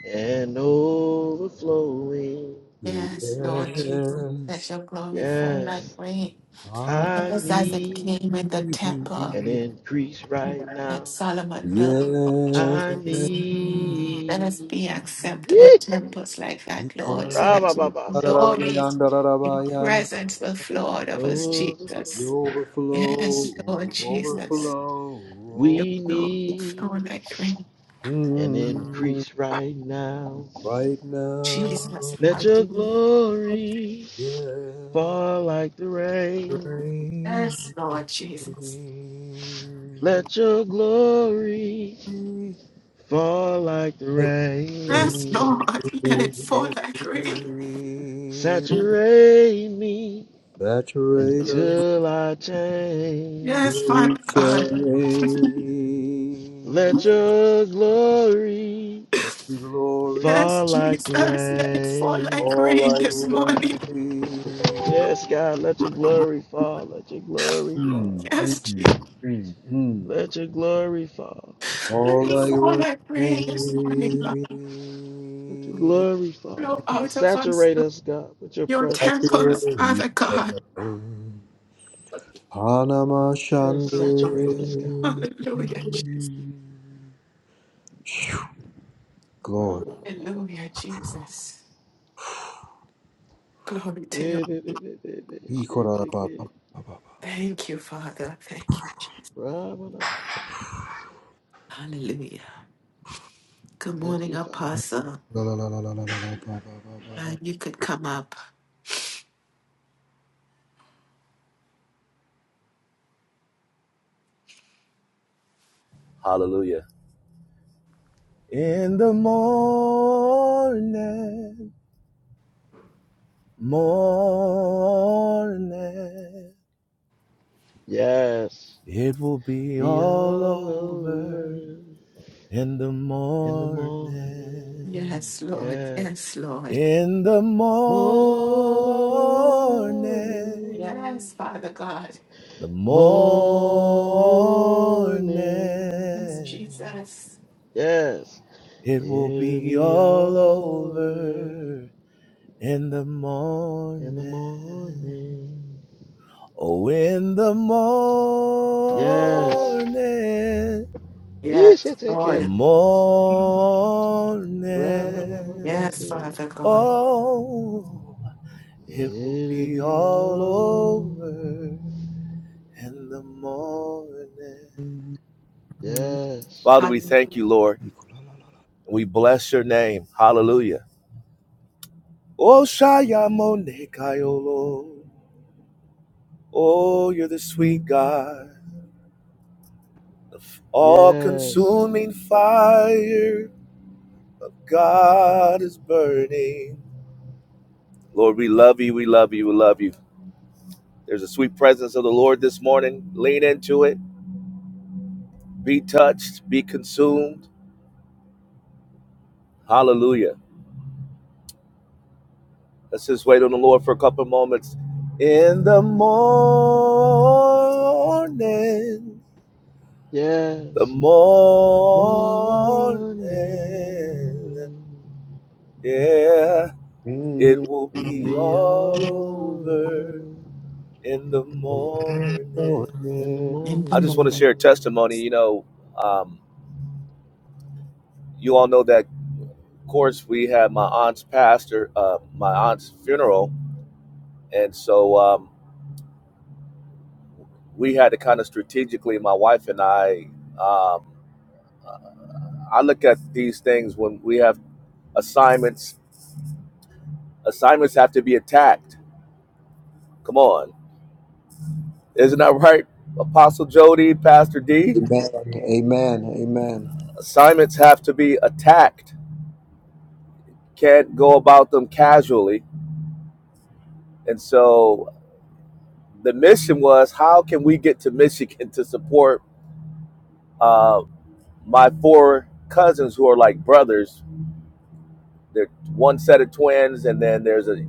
Speaker 5: an overflowing.
Speaker 1: Yes, Lord Jesus. Let your glory fall like
Speaker 5: Yes,
Speaker 1: rain.
Speaker 5: I
Speaker 1: Just as it
Speaker 5: need
Speaker 1: came in the temple
Speaker 5: an increase right
Speaker 1: that
Speaker 5: now.
Speaker 1: Solomon built, Lord
Speaker 3: Yes,
Speaker 5: I
Speaker 1: Jesus. Let us
Speaker 5: need.
Speaker 1: be acceptable
Speaker 5: Yeah.
Speaker 1: temples like that, Lord, so
Speaker 5: Rama
Speaker 1: that your
Speaker 5: Baba
Speaker 3: I
Speaker 5: say,
Speaker 1: glory, your
Speaker 3: believe. Yes.
Speaker 1: presence will flow out
Speaker 5: an
Speaker 1: of us,
Speaker 5: overflowing.
Speaker 1: Jesus.
Speaker 3: Overflow,
Speaker 1: Yes, Lord Jesus,
Speaker 3: overflow,
Speaker 1: your
Speaker 5: We
Speaker 1: glory
Speaker 5: need
Speaker 1: flow like rain.
Speaker 5: an
Speaker 3: mm,
Speaker 5: increase right now.
Speaker 3: right now.
Speaker 1: Jesus,
Speaker 5: Let your
Speaker 1: hallelujah.
Speaker 5: glory
Speaker 3: Yeah,
Speaker 5: fall like the rain.
Speaker 3: rain.
Speaker 1: Yes, Lord Jesus.
Speaker 5: Let your glory fall like the
Speaker 3: like rain,
Speaker 1: Yes, Lord,
Speaker 5: rain.
Speaker 1: let it fall like rain.
Speaker 5: Saturate me
Speaker 3: Saturate us,
Speaker 5: until I change.
Speaker 1: Yes,
Speaker 3: we
Speaker 1: Father God.
Speaker 3: change.
Speaker 5: Let your glory
Speaker 3: Let your glory
Speaker 1: Yes,
Speaker 5: fall like
Speaker 1: Jesus,
Speaker 5: the
Speaker 1: let it fall like
Speaker 5: rain.
Speaker 3: fall
Speaker 1: rain
Speaker 3: like
Speaker 1: this morning.
Speaker 3: rain.
Speaker 5: Yes, God, let your glory fall. Let your glory
Speaker 3: Mm,
Speaker 5: fall.
Speaker 3: mm,
Speaker 1: Yes, Jesus,
Speaker 3: mm.
Speaker 5: Let your glory fall.
Speaker 1: let
Speaker 3: All
Speaker 1: it
Speaker 3: I
Speaker 1: fall like
Speaker 3: worry.
Speaker 1: rain this morning, God.
Speaker 5: Let your glory fall.
Speaker 1: flow out of us,
Speaker 5: Saturate
Speaker 1: Lord.
Speaker 5: us, God, with your
Speaker 1: Your
Speaker 5: presence.
Speaker 1: temples, Father God.
Speaker 3: Hanama
Speaker 5: Yes,
Speaker 3: Shande.
Speaker 5: saturate us, God.
Speaker 1: Hallelujah, Jesus.
Speaker 5: Ra,
Speaker 3: Glory.
Speaker 5: ba, ba, ba, ba, ba.
Speaker 1: Hallelujah, Jesus. Glory to you.
Speaker 5: Re, be, be, be, be, be. Shit,
Speaker 3: Ikora
Speaker 5: take
Speaker 3: ba ba ba
Speaker 5: it.
Speaker 3: ba ba.
Speaker 1: Thank you, Father. Thank you. Jesus.
Speaker 5: Ra, ba, ba, ba, ba, ba,
Speaker 1: Hallelujah. Good
Speaker 5: Thank
Speaker 1: morning,
Speaker 5: you, Father.
Speaker 1: Apostle.
Speaker 3: La la la la la la la la ba ba ba ba
Speaker 1: Glad you could come up.
Speaker 6: Hallelujah. In the morning, morning,
Speaker 5: Yes.
Speaker 6: it will be
Speaker 5: Be
Speaker 6: all
Speaker 5: all
Speaker 6: over.
Speaker 5: over
Speaker 6: In the
Speaker 5: in the morning.
Speaker 6: morning,
Speaker 1: Yes, Lord.
Speaker 5: Yes.
Speaker 1: Yes, Lord.
Speaker 6: in the morning,
Speaker 5: Morning.
Speaker 1: Yes, Father God.
Speaker 6: the
Speaker 1: Yes,
Speaker 6: morning,
Speaker 5: Morning.
Speaker 1: Jesus.
Speaker 5: Yes.
Speaker 6: it will
Speaker 5: It'll
Speaker 6: be
Speaker 5: be
Speaker 6: all
Speaker 5: all over
Speaker 6: over. In the
Speaker 5: in the
Speaker 6: morning.
Speaker 5: morning.
Speaker 6: Oh, in the
Speaker 5: Yes.
Speaker 6: morning,
Speaker 1: Yes,
Speaker 5: yes, should take
Speaker 6: the
Speaker 5: it.
Speaker 1: Lord.
Speaker 5: Ra
Speaker 3: ba.
Speaker 5: ba ba ba ba.
Speaker 1: Yes,
Speaker 6: morning,
Speaker 5: si.
Speaker 1: Father God.
Speaker 6: oh, it will
Speaker 5: It'll
Speaker 6: be
Speaker 5: be
Speaker 6: all
Speaker 5: all over.
Speaker 6: over in the morning.
Speaker 5: Yes.
Speaker 6: Father, we
Speaker 1: Hallelujah.
Speaker 6: thank you, Lord.
Speaker 3: Ikora la la.
Speaker 6: and We bless your name. Hallelujah. Oh, Shayamone Kaiolo. Oh, you're the sweet God, all
Speaker 5: Yes,
Speaker 6: consuming fire. God is burning. Lord, we love you. We love you. We love you. There's a sweet presence of the Lord this morning. Lean into it. Be touched. Be consumed. Hallelujah. Let's just wait on the Lord for a couple moments. In the morning, the
Speaker 5: yes,
Speaker 6: morning,
Speaker 5: morning
Speaker 6: yeah, it will
Speaker 5: will
Speaker 6: be
Speaker 5: be
Speaker 6: all
Speaker 5: all
Speaker 6: over
Speaker 5: over
Speaker 6: in the morning.
Speaker 5: in the
Speaker 1: In the
Speaker 6: I just want to
Speaker 1: morning.
Speaker 6: share a
Speaker 5: morning.
Speaker 6: testimony. You know, um, you all know that, of course, we had my aunt's pastor, uh, my aunt's funeral, and so um, we had to kind of strategically, my wife and I. Um, I look at these things when we have assignments. Assignments have to be attacked. Come on, isn't that right, Apostle Jody, Pastor D?
Speaker 3: Amen. Amen. Amen.
Speaker 6: Assignments have to be attacked. Can't go about them casually. And so the mission was how can we get to Michigan to support uh, my four cousins who are like brothers. They're one set of twins, and then there's a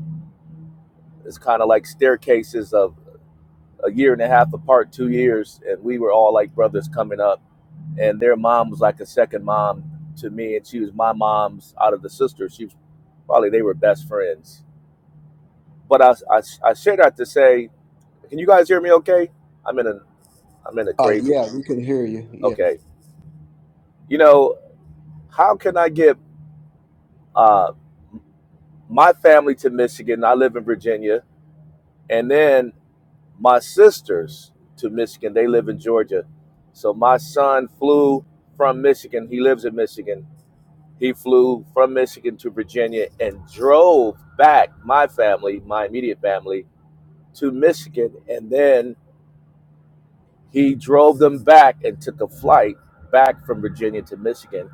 Speaker 6: it's kind of like staircases of a year and a half apart, two years, and we were all like brothers coming up. And their mom was like a second mom to me, and she was my mom's out of the sisters. She was probably they were best friends. But I I, I share that to say, can you guys hear me? Okay, I'm in a I'm in a
Speaker 3: Uh,
Speaker 6: crazy.
Speaker 3: yeah, we can hear you. Yeah.
Speaker 6: Okay, you know how can I get uh, my family to Michigan? I live in Virginia, and then my sisters to Michigan. They live in Georgia. So my son flew from Michigan. He lives in Michigan. He flew from Michigan to Virginia and drove back my family, my immediate family, to Michigan. And then he drove them back and took a flight back from Virginia to Michigan.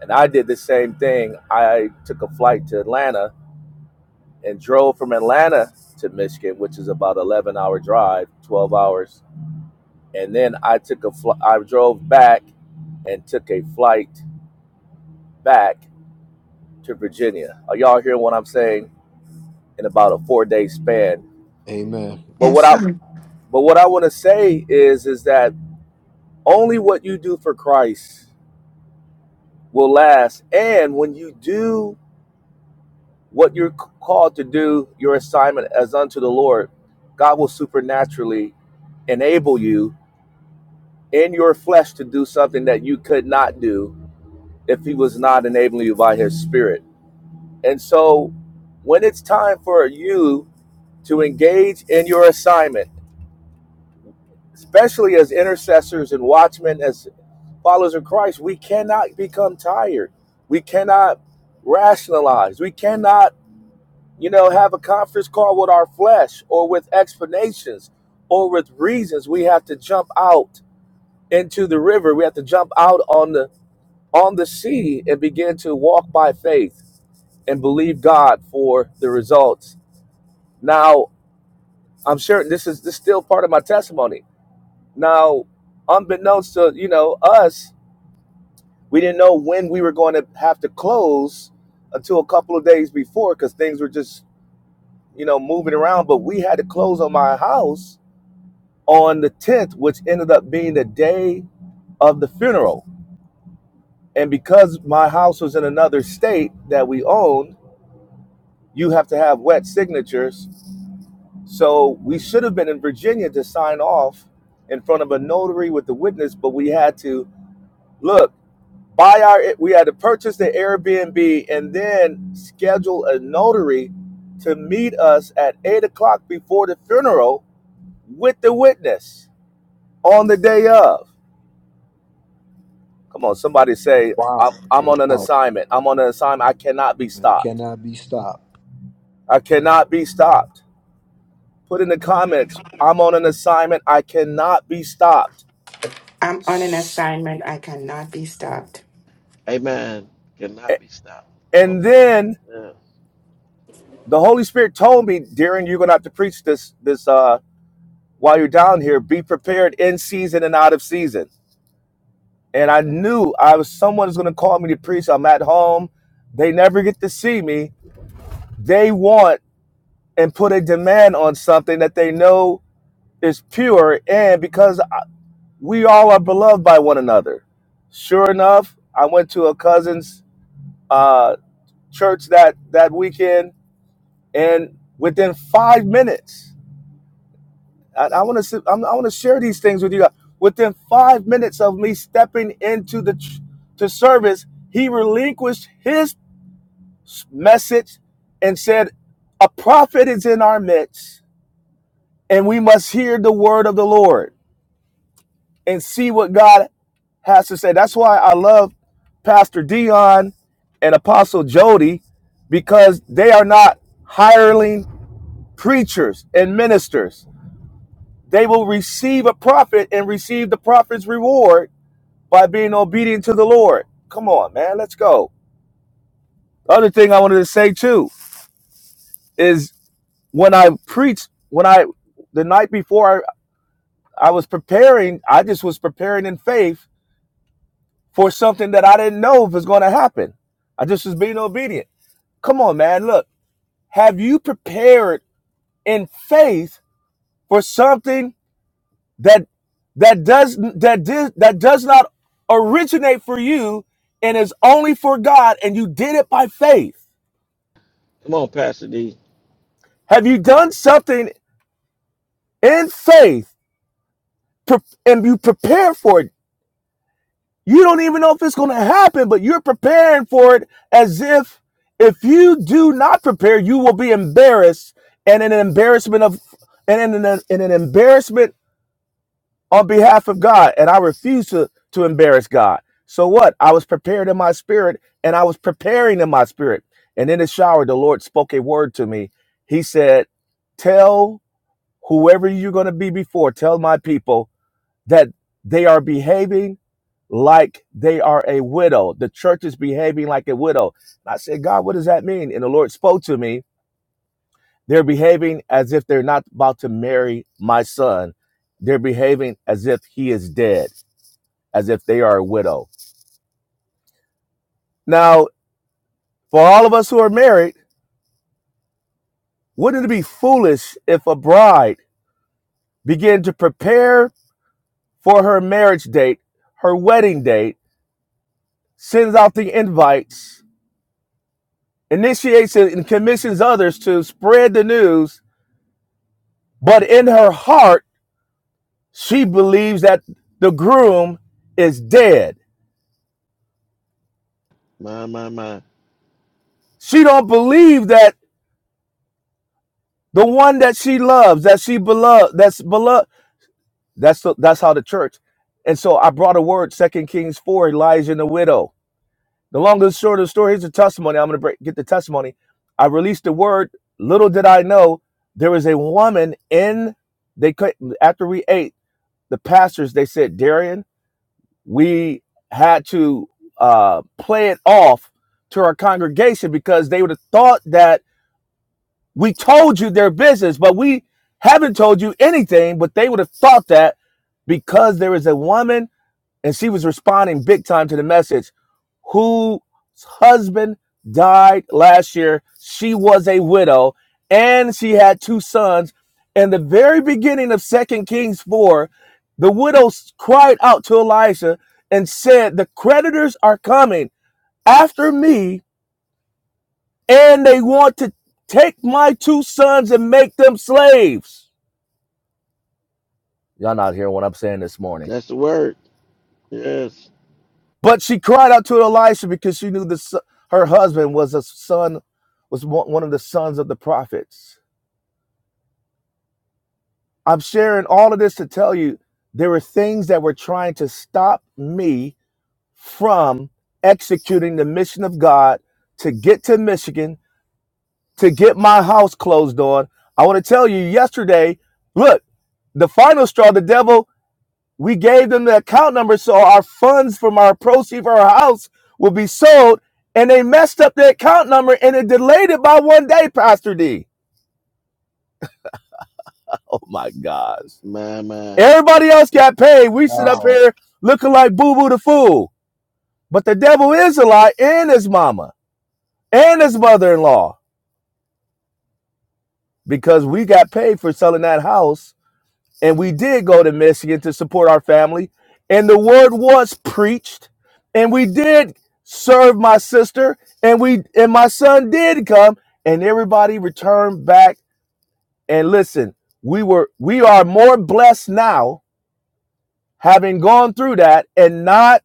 Speaker 6: And I did the same thing. I took a flight to Atlanta and drove from Atlanta to Michigan, which is about 11 hour drive, 12 hours. And then I took a fl- I drove back and took a flight back to Virginia. Are y'all hearing what I'm saying? In about a four day span.
Speaker 3: Amen.
Speaker 6: But what
Speaker 1: Yes,
Speaker 6: I
Speaker 1: i
Speaker 6: but what I want to say is is that only what you do for Christ will last. And when you do what you're called to do, your assignment as unto the Lord, God will supernaturally enable you in your flesh to do something that you could not do if he was not enabling you by his spirit. And so when it's time for you to engage in your assignment, especially as intercessors and watchmen, as followers of Christ, we cannot become tired. We cannot rationalize. We cannot, you know, have a conference call with our flesh or with explanations or with reasons. We have to jump out into the river. We have to jump out on the on the sea and began to walk by faith and believe God for the results. Now, I'm sure this is this is still part of my testimony. Now, unbeknownst to you know us, we didn't know when we were going to have to close until a couple of days before because things were just you know moving around. But we had to close on my house on the 10th, which ended up being the day of the funeral. And because my house was in another state that we owned you have to have wet signatures. So we should have been in Virginia to sign off in front of a notary with the witness, but we had to look buy our we had to purchase the Airbnb and then schedule a notary to meet us at eight o'clock before the funeral with the witness on the day of. Come on, somebody say
Speaker 3: Wow.
Speaker 6: I'm I'm on an
Speaker 3: Wow.
Speaker 6: assignment. I'm on an assignment. I cannot be
Speaker 3: It
Speaker 6: stopped.
Speaker 3: cannot be stopped.
Speaker 6: I cannot be stopped. Put in the comments, I'm on an assignment. I cannot be stopped.
Speaker 1: I'm on an assignment. I cannot be stopped.
Speaker 5: Amen. Cannot be stopped on
Speaker 6: And
Speaker 5: assignment.
Speaker 6: then
Speaker 5: Yeah.
Speaker 6: the Holy Spirit told me, Darren, you're gonna have to preach this this uh while you're down here. Be prepared in season and out of season. And I knew I was someone is gonna call me to preach. I'm at home. They never get to see me. They want and put a demand on something that they know is pure. And because we all are beloved by one another. Sure enough, I went to a cousin's. uh, church that that weekend, and within five minutes, I, I want to I want to share these things with you. guys. Within five minutes of me stepping into the to service, he relinquished his message and said, "A prophet is in our midst, and we must hear the word of the Lord and see what God has to say." That's why I love Pastor Dion and Apostle Jody because they are not hireling preachers and ministers. They will receive a prophet and receive the prophet's reward by being obedient to the Lord. Come on, man, let's go. The Other thing I wanted to say too is when I preached, when I the night before I, I was preparing, I just was preparing in faith for something that I didn't know was going to happen. I just was being obedient. Come on, man, look. Have you prepared in faith for something that that does that did that does not originate for you and is only for God and you did it by faith.
Speaker 5: Come on, Pastor D.
Speaker 6: Have you done something in faith pre- and you prepare for it? You don't even know if it's going to happen, but you're preparing for it as if if you do not prepare, you will be embarrassed and in an embarrassment of and in an, in an embarrassment on behalf of God, and I refused to to embarrass God. So what? I was prepared in my spirit, and I was preparing in my spirit. And in the shower, the Lord spoke a word to me. He said, "Tell whoever you're going to be before, tell my people that they are behaving like they are a widow. The church is behaving like a widow." And I said, "God, what does that mean?" And the Lord spoke to me. They're behaving as if they're not about to marry my son. They're behaving as if he is dead as if they are a widow. Now, for all of us who are married, wouldn't it be foolish if a bride began to prepare for her marriage date, her wedding date, sends out the invites, initiates it, and commissions others to spread the news, but in her heart, she believes that the groom is dead.
Speaker 5: My, my, my.
Speaker 6: She don't believe that the one that she loves, that she beloved, that's beloved, That's the, that's how the church. And so I brought a word, Second Kings four, Elijah and the widow. The long and short of the story. Here's the testimony. I'm going to break, get the testimony. I released the word. Little did I know, there was a woman in. They could after we ate the pastors. They said, Darian, we had to uh, play it off to our congregation because they would have thought that we told you their business, but we haven't told you anything. But they would have thought that because there is a woman and she was responding big time to the message whose husband died last year she was a widow and she had two sons in the very beginning of second kings 4 the widow cried out to elisha and said the creditors are coming after me and they want to take my two sons and make them slaves y'all not hearing what i'm saying this morning
Speaker 5: That's the word. Yes.
Speaker 6: But she cried out to Elisha because she knew this, her husband was a son, was one of the sons of the prophets. I'm sharing all of this to tell you there were things that were trying to stop me from executing the mission of God to get to Michigan, to get my house closed on. I want to tell you yesterday, look, the final straw, the devil We gave them the account number so our funds from our proceeds for our house will be sold. And they messed up the account number and it delayed it by one day, Pastor D. Oh my gosh.
Speaker 5: My, my.
Speaker 6: Everybody else got paid. We sit up
Speaker 3: Wow.
Speaker 6: here looking like Boo Boo the Fool. But the devil is a lie and his mama and his mother in law because we got paid for selling that house and we did go to Michigan to support our family, and the word was preached, and we did serve my sister, and we and my son did come, and everybody returned back. And listen, we were we are more blessed now having gone through that and not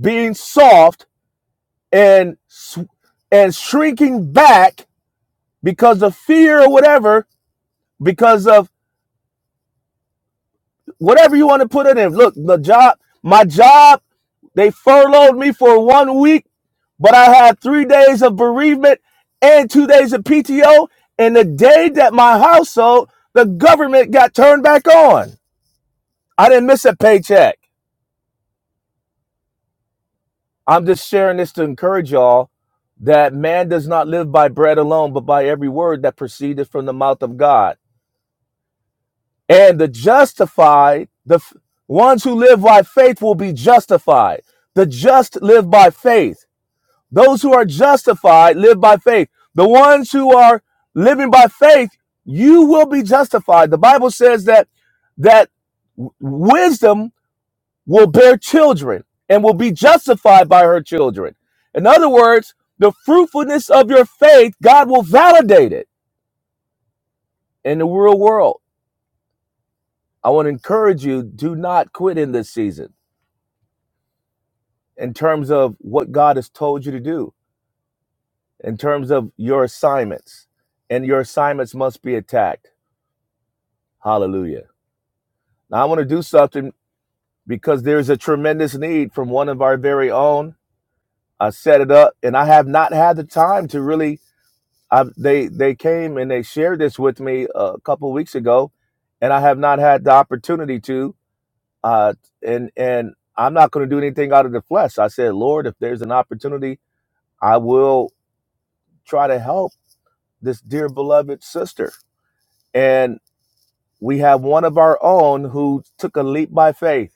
Speaker 6: being soft and s- and shrinking back because of fear or whatever, because of whatever you want to put it in. Look, the job, my job They furloughed me for one week, but I had three days of bereavement and two days of PTO. And the day that my household, the government got turned back on. I didn't miss a paycheck. I'm just sharing this to encourage y'all that man does not live by bread alone, but by every word that proceedeth from the mouth of God. And the justified, the f- ones who live by faith will be justified. The just live by faith. Those who are justified live by faith. The ones who are living by faith, you will be justified. The Bible says that that wisdom will bear children and will be justified by her children. In other words, the fruitfulness of your faith, God will validate it in the real world. I want to encourage you, do not quit in this season in terms of what God has told you to do, in terms of your assignments, and your assignments must be attacked Hallelujah. Now I want to do something because there is a tremendous need from one of our very own. I set it up and I have not had the time to really I they they came and they shared this with me a couple weeks ago and I have not had the opportunity to uh and and I'm not going to do anything out of the flesh. I said, "Lord, if there's an opportunity, I will try to help this dear beloved sister." And we have one of our own who took a leap by faith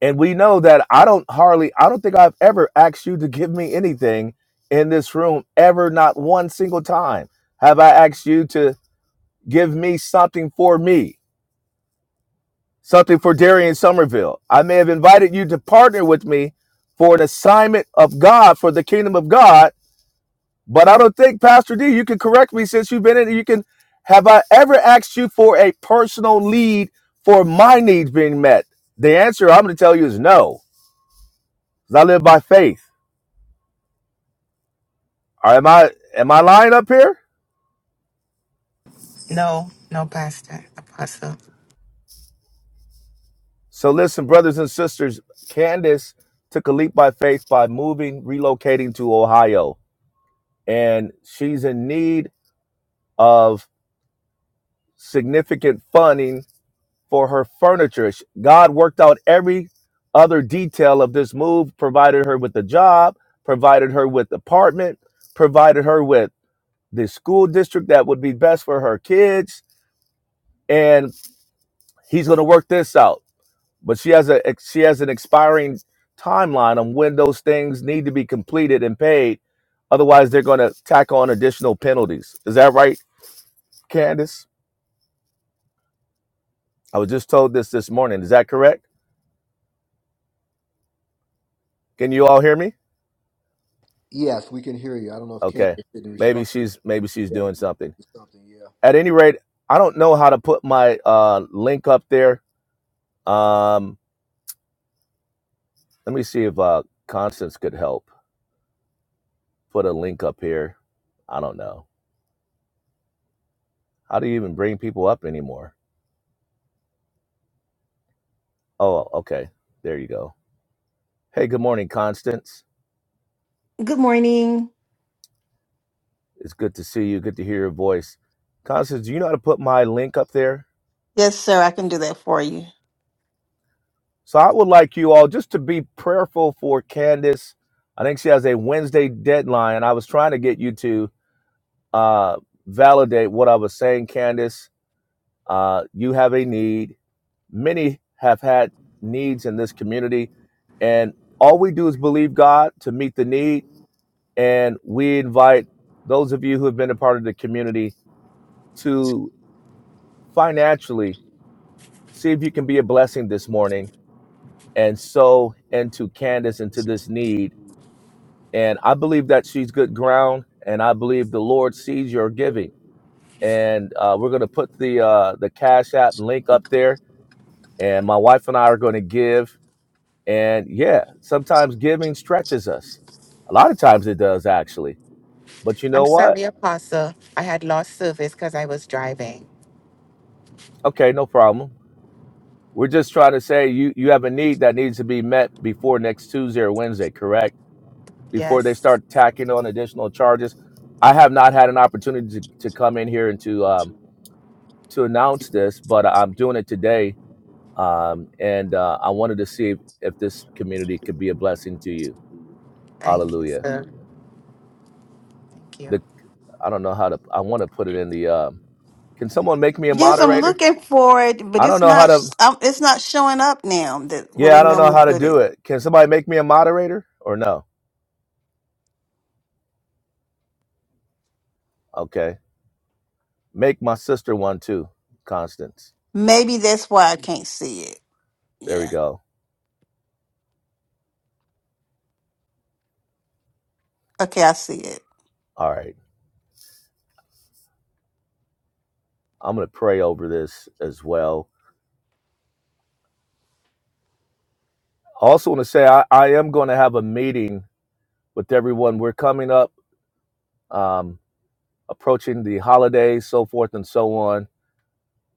Speaker 6: and we know that I don't hardly, I don't think I've ever asked you to give me anything in this room, ever, not one single time have I asked you to give me something for me, something for Darian Somerville. I may have invited you to partner with me for an assignment of God, for the kingdom of God, but I don't think, Pastor D, you can correct me since you've been in it. You can, have I ever asked you for a personal lead for my needs being met? The answer I'm going to tell you is no, because I live by faith. am I am I lying up here?
Speaker 1: No, no, Pastor, Apostle.
Speaker 6: So listen, brothers and sisters, Candace took a leap by faith by moving, relocating to Ohio, and she's in need of significant funding for her furniture. Sh- God worked out every other detail of this move, provided her with a job, provided her with apartment, provided her with the school district that would be best for her kids, and he's going to work this out. but she has a she has an expiring timeline on when those things need to be completed and paid. Otherwise, they're going to tack on additional penalties. Is that right, Candace? I was just told this this morning. Is that correct? Can you all hear me?
Speaker 3: Yes, we can hear you. I don't know if Candace
Speaker 6: Okay.
Speaker 3: didn't
Speaker 6: Maybe
Speaker 3: respond.
Speaker 6: she's maybe she's
Speaker 3: Yeah,
Speaker 6: doing something.
Speaker 3: something. Yeah.
Speaker 6: At any rate, I don't know how to put my uh, link up there. Um, let me see if uh, Constance could help put a link up here. I don't know. How do you even bring people up anymore? Oh, okay. There you go. Hey, good morning, Constance.
Speaker 7: Good morning.
Speaker 6: It's good to see you. Good to hear your voice. Constance, do you know how to put my link up there?
Speaker 7: Yes, sir. I can do that for you.
Speaker 6: So I would like you all just to be prayerful for Candace. I think she has a Wednesday deadline. I was trying to get you to uh, validate what I was saying, Candace. Uh, you have a need. Many have had needs in this community, and all we do is believe God to meet the need. And we invite those of you who have been a part of the community to. financially. See if you can be a blessing this morning and sow into Candace into this need. And I believe that she's good ground, and I believe the Lord sees your giving. And uh, we're going to put the uh, the Cash App link up there, and my wife and I are going to give. And yeah, sometimes giving stretches us. A lot of times it does actually. But you
Speaker 1: I'm
Speaker 6: know what?
Speaker 1: sorry, Apostle. I had lost service because I was driving.
Speaker 6: Okay, no problem. We're just trying to say you you have a need that needs to be met before next Tuesday or Wednesday, correct? before they
Speaker 1: Yes,
Speaker 6: start tacking on additional charges. I have not had an opportunity to, to come in here and to um, to announce this, but I'm doing it today, um, and uh, I wanted to see if, if this community could be a blessing to you.
Speaker 1: thank you,
Speaker 6: Hallelujah.
Speaker 1: sir. Thank you.
Speaker 6: The I don't know how to. I want to put it in the. Um, can someone make me a
Speaker 7: Yes, I'm
Speaker 6: moderator?
Speaker 7: looking for it, but
Speaker 6: I don't
Speaker 7: it's
Speaker 6: know how
Speaker 7: not.
Speaker 6: to.
Speaker 7: um, It's not showing up now. That where
Speaker 6: Yeah,
Speaker 7: we
Speaker 6: I don't know
Speaker 7: normally
Speaker 6: how to
Speaker 7: put it.
Speaker 6: do it. Can somebody make me a moderator or no? Okay, make my sister one too, Constance.
Speaker 7: Maybe that's why I can't see it.
Speaker 6: There we
Speaker 7: Yeah.
Speaker 6: go.
Speaker 7: Okay, I see it.
Speaker 6: All right. I'm going to pray over this as well. I also want to say I, I am going to have a meeting with everyone. We're coming up, um, approaching the holidays, so forth and so on.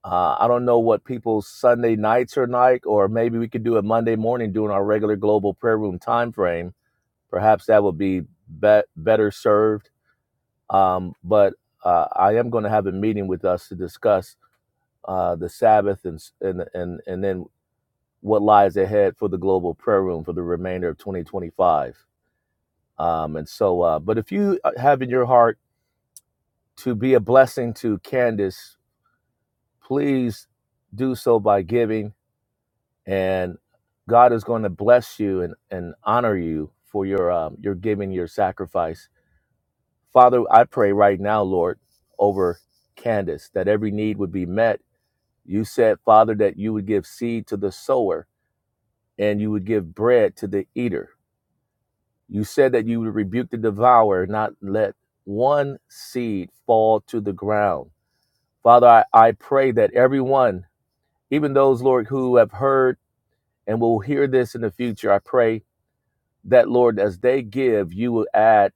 Speaker 6: Uh, I don't know what people's Sunday nights are like, or maybe we could do it Monday morning during our regular global prayer room time frame. Perhaps that would be, be- better served. Um, but uh, I am going to have a meeting with us to discuss uh, the Sabbath and, s- and and and then what lies ahead for the global prayer room for the remainder of 2025. Um, and so, uh, but if you uh, have in your heart to be a blessing to Candace, please do so by giving, and God is going to bless you and, and honor you for your um, your giving, your sacrifice. Father, I pray right now, Lord, over Candace that every need would be met. You said, Father, that you would give seed to the sower and you would give bread to the eater. You said that you would rebuke the devourer, not let one seed fall to the ground. Father, I, I pray that everyone, even those, Lord, who have heard and will hear this in the future, I pray that, Lord, as they give, you will add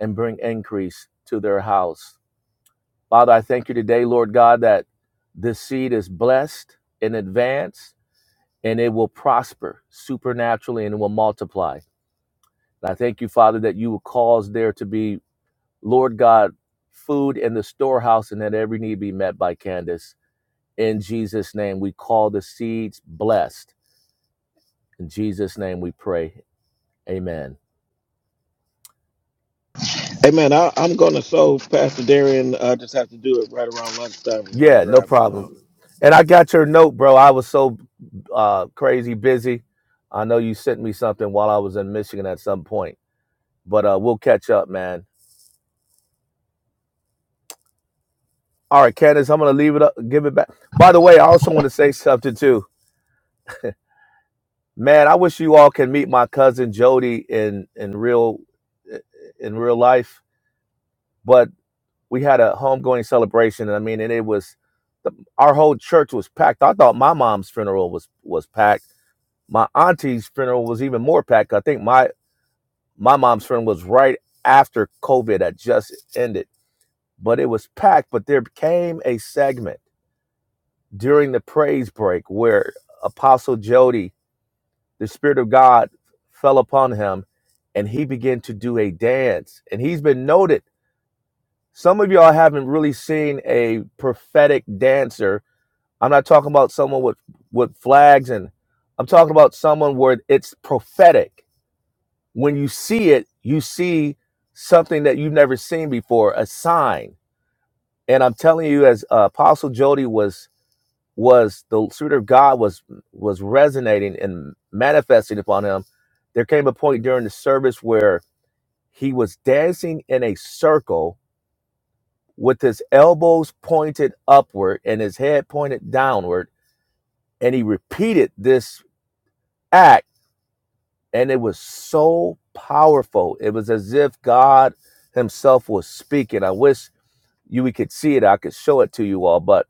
Speaker 6: and bring increase to their house. Father, I thank you today, Lord God, that this seed is blessed in advance and it will prosper supernaturally and it will multiply. And I thank you, Father, that you will cause there to be Lord God, food in the storehouse and that every need be met by Candace. In Jesus' name, we call the seeds blessed. In Jesus' name, we pray. Amen.
Speaker 5: Amen. I, I'm going to sow Pastor Darian. I just have to do it right around lunchtime because I'm
Speaker 6: Yeah, no
Speaker 5: driving
Speaker 6: problem.
Speaker 5: now.
Speaker 6: And I got your note, bro. I was so uh, crazy busy. I know you sent me something while I was in Michigan at some point, but uh, we'll catch up, man. All right, Candace, I'm gonna leave it up, give it back. By the way, I also want to say something too Man, I wish you all can meet my cousin Jody in in real in real life. But we had a homegoing celebration, and I mean, and it was the, our whole church was packed. I thought my mom's funeral was was packed. My auntie's funeral was even more packed. I think my my mom's funeral was right after COVID had just ended, but it was packed. But there came a segment during the praise break where Apostle Jody the Spirit of God fell upon him and he began to do a dance. And he's been noted. Some of y'all haven't really seen a prophetic dancer. I'm not talking about someone with, with flags and I'm talking about someone where it's prophetic. When you see it, you see something that you've never seen before, a sign. And I'm telling you, as uh, Apostle Jody was was the spirit of God was was resonating and manifesting upon him, there came a point during the service where he was dancing in a circle with his elbows pointed upward and his head pointed downward, and he repeated this act, and it was so powerful. It was as if God Himself was speaking. I wish you we could see it. I could show it to you all, but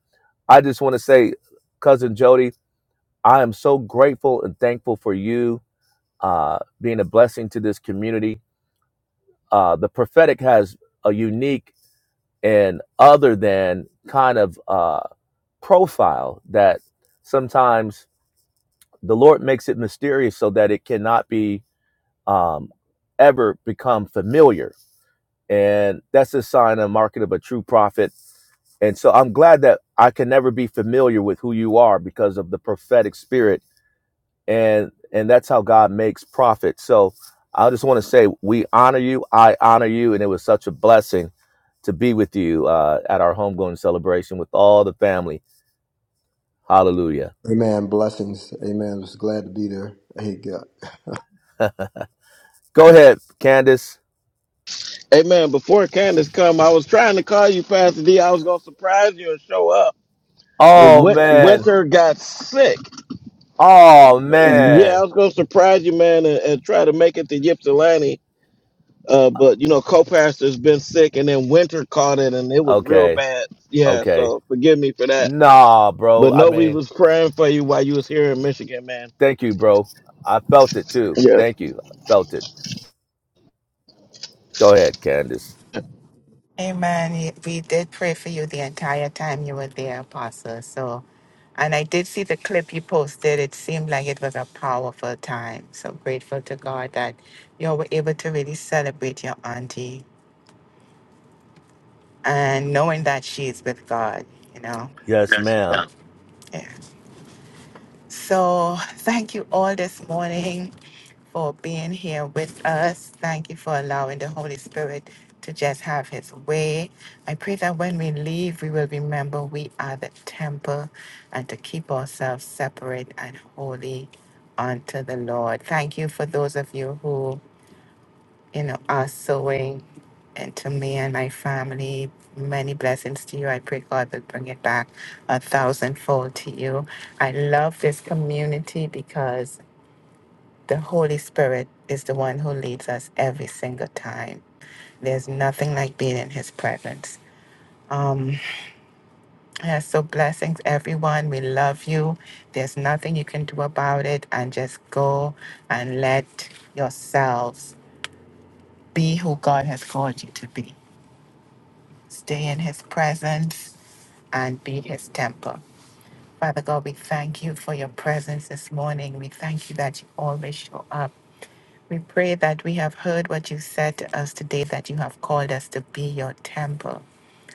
Speaker 6: I just want to say, cousin Jody, I am so grateful and thankful for you uh, being a blessing to this community. Uh, the prophetic has a unique and other than kind of uh, profile that sometimes the Lord makes it mysterious so that it cannot be um, ever become familiar. And that's a sign and market of a true prophet. And so I'm glad that I can never be familiar with who you are because of the prophetic spirit and and that's how God makes profit. So I just want to say we honor you. I honor you, and it was such a blessing to be with you uh, at our homegoing celebration with all the family. Hallelujah.
Speaker 3: Amen. Blessings. Amen. It's glad to be there. Hey, God.
Speaker 6: Go ahead, Candace.
Speaker 5: Hey man, before Candace come, I was trying to call you, Pastor D. I was gonna surprise you and show up, but
Speaker 6: Oh
Speaker 5: Win-
Speaker 6: man.
Speaker 5: Winter got sick.
Speaker 6: Oh
Speaker 5: Yeah, I
Speaker 6: man.
Speaker 5: was gonna surprise you, man, and, and try to make it to Ypsilanti. Uh, but you know, co-pastor's been sick, and then Winter caught it, and it was real
Speaker 6: Okay.
Speaker 5: bad. Yeah,
Speaker 6: Okay.
Speaker 5: so forgive me for that.
Speaker 6: Nah, bro.
Speaker 5: But
Speaker 6: I
Speaker 5: no, we
Speaker 6: mean,
Speaker 5: was praying for you while you was here in Michigan, man.
Speaker 6: thank you, bro. I felt it too.
Speaker 5: Yeah.
Speaker 6: Thank you. I felt it. Go ahead, Candace.
Speaker 1: Amen. Ye- We did pray for you the entire time you were there, Apostle. So, and I did see the clip you posted. It seemed like it was a powerful time. So grateful to God that you were able to really celebrate your auntie and knowing that she is with God, you know.
Speaker 6: Yes,
Speaker 1: Yes,
Speaker 6: ma'am.
Speaker 1: ma'am. Yeah. So, thank you all this morning. for being here with us. Thank you for allowing the Holy Spirit to just have his way. I pray that when we leave, we will remember we are the temple and to keep ourselves separate and holy unto the Lord. Thank you for those of you who, you know, are sowing into me and my family. Many blessings to you. I pray God will bring it back a thousandfold to you. I love this community because the Holy Spirit is the one who leads us every single time. There's nothing like being in His presence. Um, yeah, so blessings, everyone. We love you. There's nothing you can do about it, and just go and let yourselves be who God has called you to be. Stay in His presence and be His temple. Father God, we thank you for your presence this morning. We thank you that you always show up. We pray that we have heard what you said to us today, that you have called us to be your temple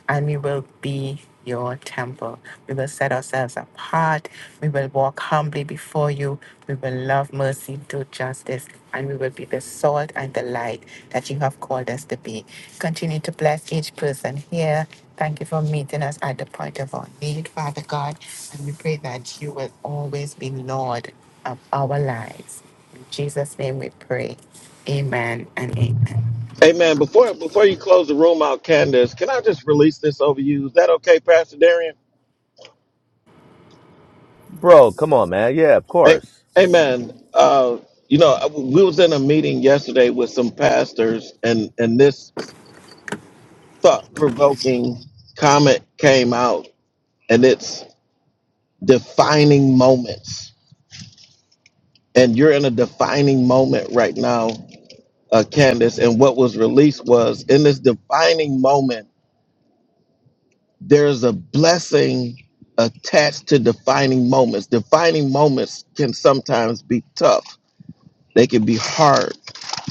Speaker 1: and we will be your temple. We will set ourselves apart. We will walk humbly before you. We will love mercy, do justice, and we will be the salt and the light that you have called us to be. Continue to bless each person here. Thank you for meeting us at the point of our need, Father God. And we pray that you will always be Lord of our lives. In Jesus' name we pray. Amen and amen.
Speaker 5: Hey man, before before you close the room out, Candace, can I just release this over you? Is that okay, Pastor Darian?
Speaker 6: Bro, come on, man. Yeah, of
Speaker 5: Hey,
Speaker 6: course.
Speaker 5: hey man, uh, you know, I- we was in a meeting yesterday with some pastors and and this thought-provoking comment came out and it's defining moments. And you're in a defining moment right now, uh, Candace. And what was released was in this defining moment, there's a blessing attached to defining moments. Defining moments can sometimes be tough. They can be hard.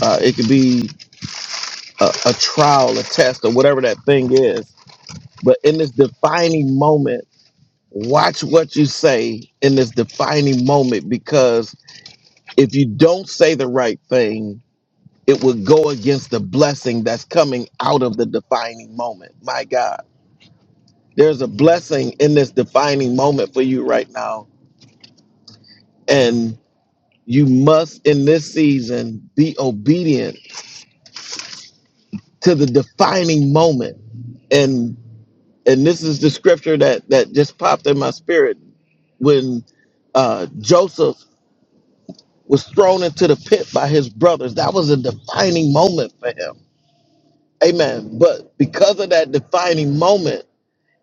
Speaker 5: Uh, it could be a, a trial, a test, or whatever that thing is. But in this defining moment, watch what you say in this defining moment because if you don't say the right thing, it will go against the blessing that's coming out of the defining moment. My God, there's a blessing in this defining moment for you right now. And you must, in this season, be obedient to the defining moment. and. and this is the scripture that that just popped in my spirit when uh, Joseph was thrown into the pit by his brothers. That was a defining moment for him. Amen. But because of that defining moment,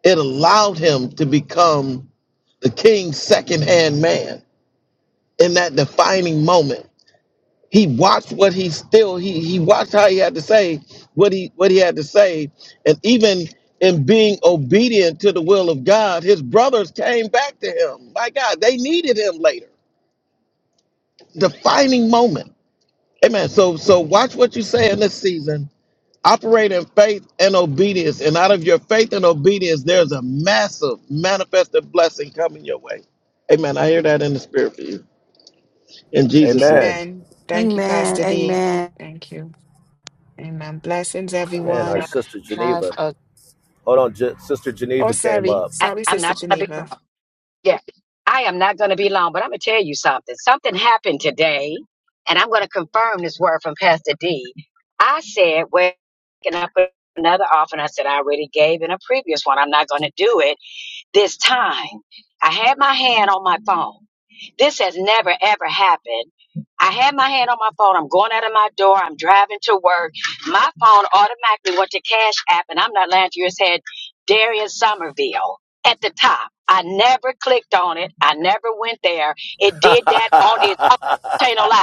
Speaker 5: it allowed him to become the king's second hand man in that defining moment. he watched what he still he he watched how he had to say what he what he had to say and even in being obedient to the will of god his brothers came back to him my god they needed him later defining moment amen so so watch what you say in this season operate in faith and obedience and out of your faith and obedience there's a massive manifested blessing coming your way amen i hear that in the spirit for you in jesus
Speaker 6: Amen.
Speaker 5: name
Speaker 1: Amen. Thank you, Pastor
Speaker 7: Amen.
Speaker 1: D.
Speaker 7: Amen.
Speaker 1: Thank you. Amen. Blessings,
Speaker 6: Man, our
Speaker 1: everyone.
Speaker 6: sister
Speaker 1: Have
Speaker 6: Geneva.
Speaker 1: a.
Speaker 6: Hold on, Je- sister
Speaker 1: Oh,
Speaker 6: Geneva came
Speaker 1: sorry.
Speaker 6: up.
Speaker 8: I,
Speaker 1: Sorry,
Speaker 8: I'm
Speaker 1: Sister
Speaker 8: not going to be
Speaker 1: Geneva.
Speaker 8: long. Yeah, I am not going to be long, but I'm going to tell you something. Something happened today, and I'm going to confirm this word from Pastor D. I said, well, can I put another offering? I said, I already gave in a previous one. I'm not going to do it this time. I had my hand on my phone. This has never ever happened. I had my hand on my phone. I'm going out of my door. I'm driving to work. My phone automatically went to Cash App, and I'm not lying to you. It said Darius Somerville at the top. I never clicked on it. I never went there. It did that on its own. Ain't no lie.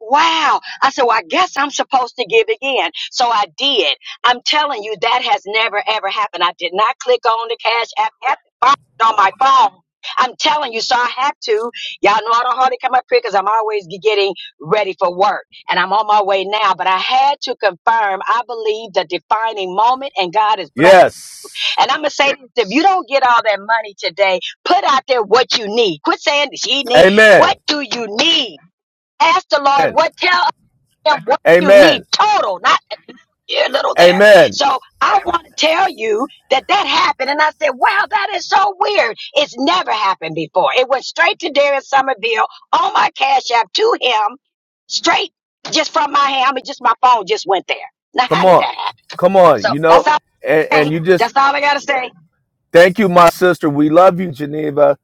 Speaker 8: Wow. I said, well, I guess I'm supposed to give again. So I did. I'm telling you, that has never, ever happened. I did not click on the cash app app button on my phone. I'm telling you, so I had to. Y'all know I don't hardly come up here because I'm always g- getting ready for work and I'm on my way now. But I had to confirm, I believe the defining moment and God is blessed.
Speaker 6: yes.
Speaker 8: And I'm going to say this if you don't get all that money today, put out there what you need. Quit saying she need.
Speaker 6: Amen.
Speaker 8: What do you need? ask the Lord
Speaker 6: Amen.
Speaker 8: what tell and what you
Speaker 6: Amen.
Speaker 8: need total, not a here, little there.
Speaker 6: Amen.
Speaker 8: So I want to tell you that that happened. And I said, wow, that is so weird. It's never happened before. It went straight to Darius Somerville on my Cash App to him, straight just from my hand. I mean, just my phone just went there. Now,
Speaker 6: Come
Speaker 8: how did
Speaker 6: on.
Speaker 8: that happen?
Speaker 6: Come on.
Speaker 8: So
Speaker 6: You know,
Speaker 8: that's all
Speaker 6: and,
Speaker 8: I
Speaker 6: and
Speaker 8: say.
Speaker 6: you just
Speaker 8: That's all I got to say.
Speaker 6: thank you, my sister. We love you, Geneva.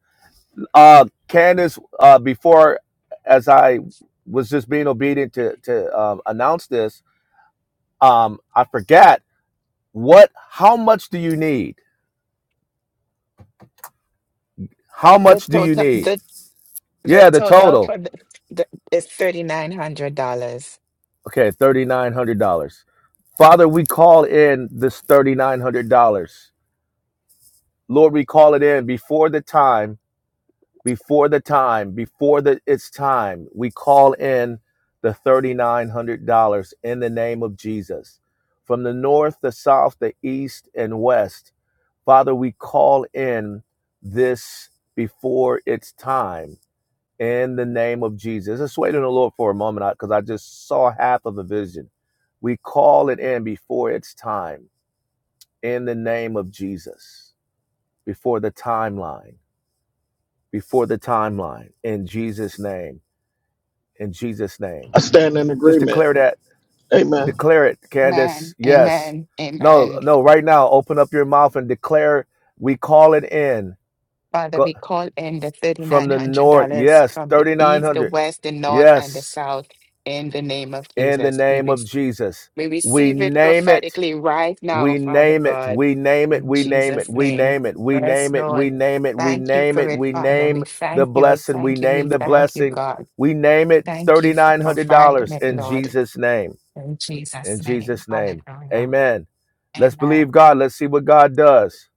Speaker 6: Uh Candace, uh, before as I was just being obedient to to um, announce this, um, I forgot what how much do you need? How
Speaker 1: The
Speaker 6: much do you
Speaker 1: total,
Speaker 6: need?
Speaker 1: the the
Speaker 6: Yeah, the
Speaker 1: total
Speaker 6: total.
Speaker 1: for the, the is thirty nine hundred dollars.
Speaker 6: Okay, $3,900. Father, we call in this $3,900. Lord, we call it in before the time, before the time, before the it's time. We call in the $3,900 in the name of Jesus. From the north, the south, the east, and west, Father, we call in this before it's time in the name of Jesus. Let's wait on the Lord for a moment because I just saw half of a vision. We call it in before it's time, in the name of Jesus, before the timeline, before the timeline, in Jesus' name, in Jesus' name.
Speaker 5: i stand in
Speaker 6: Just
Speaker 5: agreement
Speaker 6: declare that,
Speaker 5: amen
Speaker 6: declare it, Candace.
Speaker 1: Amen,
Speaker 6: Yes.
Speaker 1: amen,
Speaker 6: No,
Speaker 1: amen.
Speaker 6: no, right now, open up your mouth and declare we call it in.
Speaker 1: Father,
Speaker 6: Go
Speaker 1: we call in the
Speaker 6: from the north.
Speaker 1: $3,900
Speaker 6: Yes,
Speaker 1: from the east, the
Speaker 6: 3,900.
Speaker 1: west, the north, and the
Speaker 6: Yes.
Speaker 1: south in the name of
Speaker 6: in the
Speaker 1: Jesus.
Speaker 6: name
Speaker 1: We,
Speaker 6: of Jesus.
Speaker 1: We
Speaker 6: We
Speaker 1: receive it
Speaker 6: name it.
Speaker 1: prophetically right now,
Speaker 6: We
Speaker 1: Father
Speaker 6: name it.
Speaker 1: God,
Speaker 6: We name it.
Speaker 1: in
Speaker 6: We name it.
Speaker 1: Jesus'
Speaker 6: We
Speaker 1: name.
Speaker 6: name it. We
Speaker 1: Yes,
Speaker 6: name it. We
Speaker 1: Lord.
Speaker 6: name it. We
Speaker 1: Thank you
Speaker 6: name
Speaker 1: for
Speaker 6: it.
Speaker 1: it,
Speaker 6: We
Speaker 1: Father.
Speaker 6: name
Speaker 1: We
Speaker 6: the
Speaker 1: thank you. We
Speaker 6: blessing. We
Speaker 1: thank you.
Speaker 6: name
Speaker 1: We
Speaker 6: the
Speaker 1: thank you,
Speaker 6: blessing.
Speaker 1: God.
Speaker 6: We name it
Speaker 1: Thank you for providing
Speaker 6: $3,900
Speaker 1: it,
Speaker 6: in
Speaker 1: Lord.
Speaker 6: Jesus' name.
Speaker 1: In
Speaker 6: In
Speaker 1: Jesus' name.
Speaker 6: Jesus' name.
Speaker 1: Hallelujah.
Speaker 6: Amen. Let's believe
Speaker 1: Amen.
Speaker 6: God. Let's see what God does.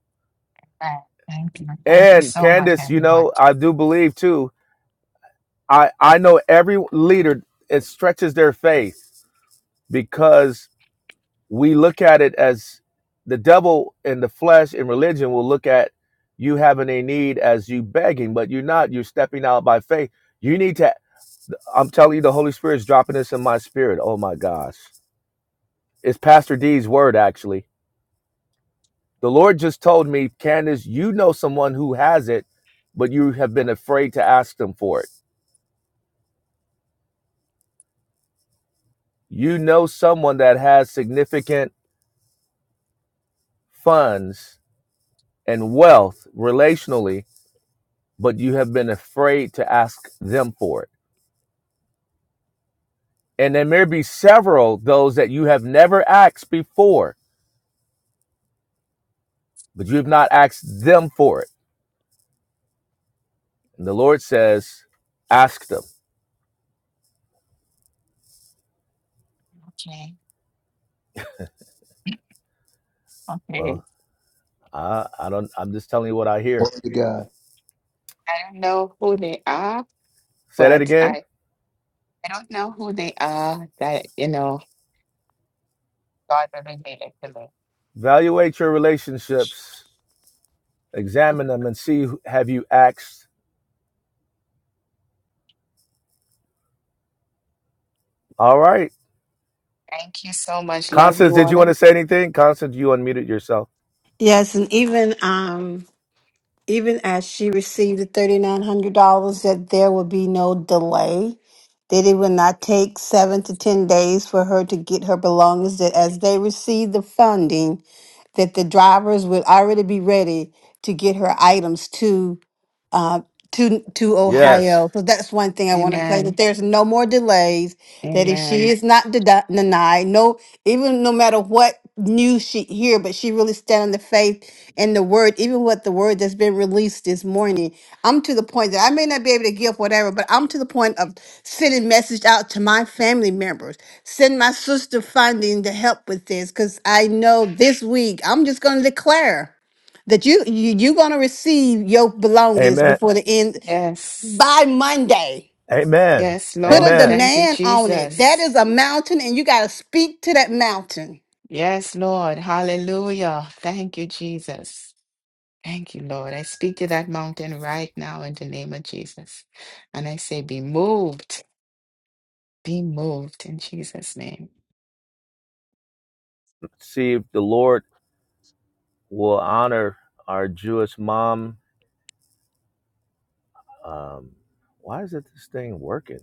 Speaker 1: Amen. Thank you. Thank you
Speaker 6: And
Speaker 1: so much,
Speaker 6: Candace, you know,
Speaker 1: everyone.
Speaker 6: I do believe too. I, I know every leader, it stretches their faith because we look at it as the devil and the flesh and religion will look at you having a need as you begging, but you're not. You're stepping out by faith. You need to. I'm telling you, the Holy Spirit's dropping this in my spirit. Oh my gosh, it's Pastor D's word actually. The Lord just told me, Candace, you know someone who has it, but you have been afraid to ask them for it. You know someone that has significant funds and wealth relationally but you have been afraid to ask them for it. And there may be several those that you have never asked before, but you have not asked them for it. And the Lord says, ask them.
Speaker 1: Okay. Okay.
Speaker 6: Well, I, I don't, I'm just telling you what I hear.
Speaker 3: Hey, God.
Speaker 1: I don't know who they are,
Speaker 6: Say that
Speaker 1: but
Speaker 6: again.
Speaker 1: I, I don't know who they are that, you know, God will reveal it to me.
Speaker 6: Evaluate your relationships, examine them and see, have you asked? All right.
Speaker 1: Thank you so much. Love
Speaker 6: Constance,
Speaker 1: you
Speaker 6: did you want to
Speaker 1: all.
Speaker 6: say anything? Constance, you unmuted yourself.
Speaker 7: Yes, and even um even as she received the thirty nine hundred dollars, that there would be no delay, that it would not take seven to ten days for her to get her belongings. That as they receive the funding, that the drivers would already be ready to get her items to uh, to to Yes. Ohio.
Speaker 6: Yes.
Speaker 7: So that's one thing I want to play. That
Speaker 1: Amen.
Speaker 7: there's no more delays. That if she
Speaker 1: Amen.
Speaker 7: is not dedi- denied, no, even no matter what news she hear, but she really stand on the faith and the word. Even what the word that's been released this morning, I'm to the point that I may not be able to give whatever, but I'm to the point of sending message out to my family members. Send my sister funding to help with this because I know this week I'm just going to declare that you you you gonna receive your belongings
Speaker 6: Amen.
Speaker 7: before the end
Speaker 1: Yes.
Speaker 7: by Monday.
Speaker 6: Amen.
Speaker 1: Yes,
Speaker 7: Put a
Speaker 1: Lord.
Speaker 6: Amen.
Speaker 1: Thank you,
Speaker 7: demand on it. That
Speaker 1: Jesus.
Speaker 7: is a mountain, and you gotta speak to that mountain.
Speaker 1: Yes, Lord. Hallelujah. Thank you, Jesus. Thank you, Lord. I speak to that mountain right now in the name of Jesus. And I say, be moved. Be moved in Jesus' name.
Speaker 6: See if the Lord We'll honor our Jewish mom. Um, why is it this thing working?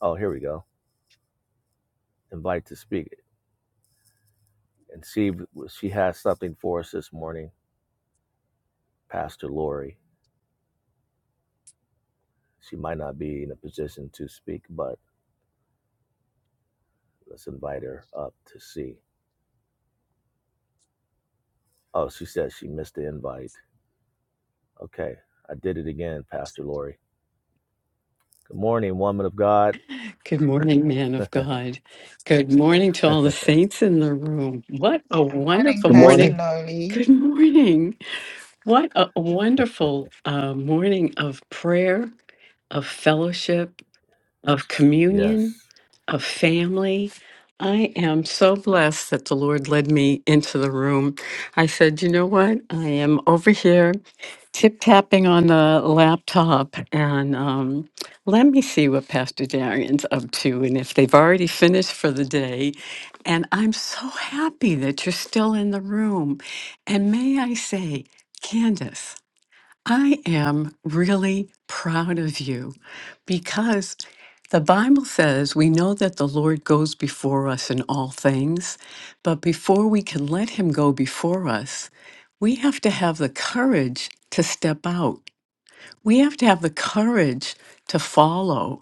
Speaker 6: Oh, here we go. Invite to speak. And see, she has something for us this morning, Pastor Lori. She might not be in a position to speak, but let's invite her up to see. Oh, she said she missed the invite. Okay, I did it again, Pastor Lori. Good morning, woman of God.
Speaker 9: Good morning, man of God. Good morning to all the saints in the room. What a
Speaker 1: Good Morning,
Speaker 9: wonderful
Speaker 5: good
Speaker 1: Pastor
Speaker 9: morning.
Speaker 5: morning
Speaker 1: Lori.
Speaker 9: Good morning. What a wonderful uh, morning of prayer, of fellowship, of communion,
Speaker 6: Yes,
Speaker 9: of family. I am so blessed that the Lord led me into the room. I said, you know what? I am over here tip tapping on the laptop and um, let me see what Pastor Darian's up to and if they've already finished for the day. And I'm so happy that you're still in the room. And may I say, Candace, I am really proud of you because the Bible says we know that the Lord goes before us in all things, but before we can let Him go before us, we have to have the courage to step out. We have to have the courage to follow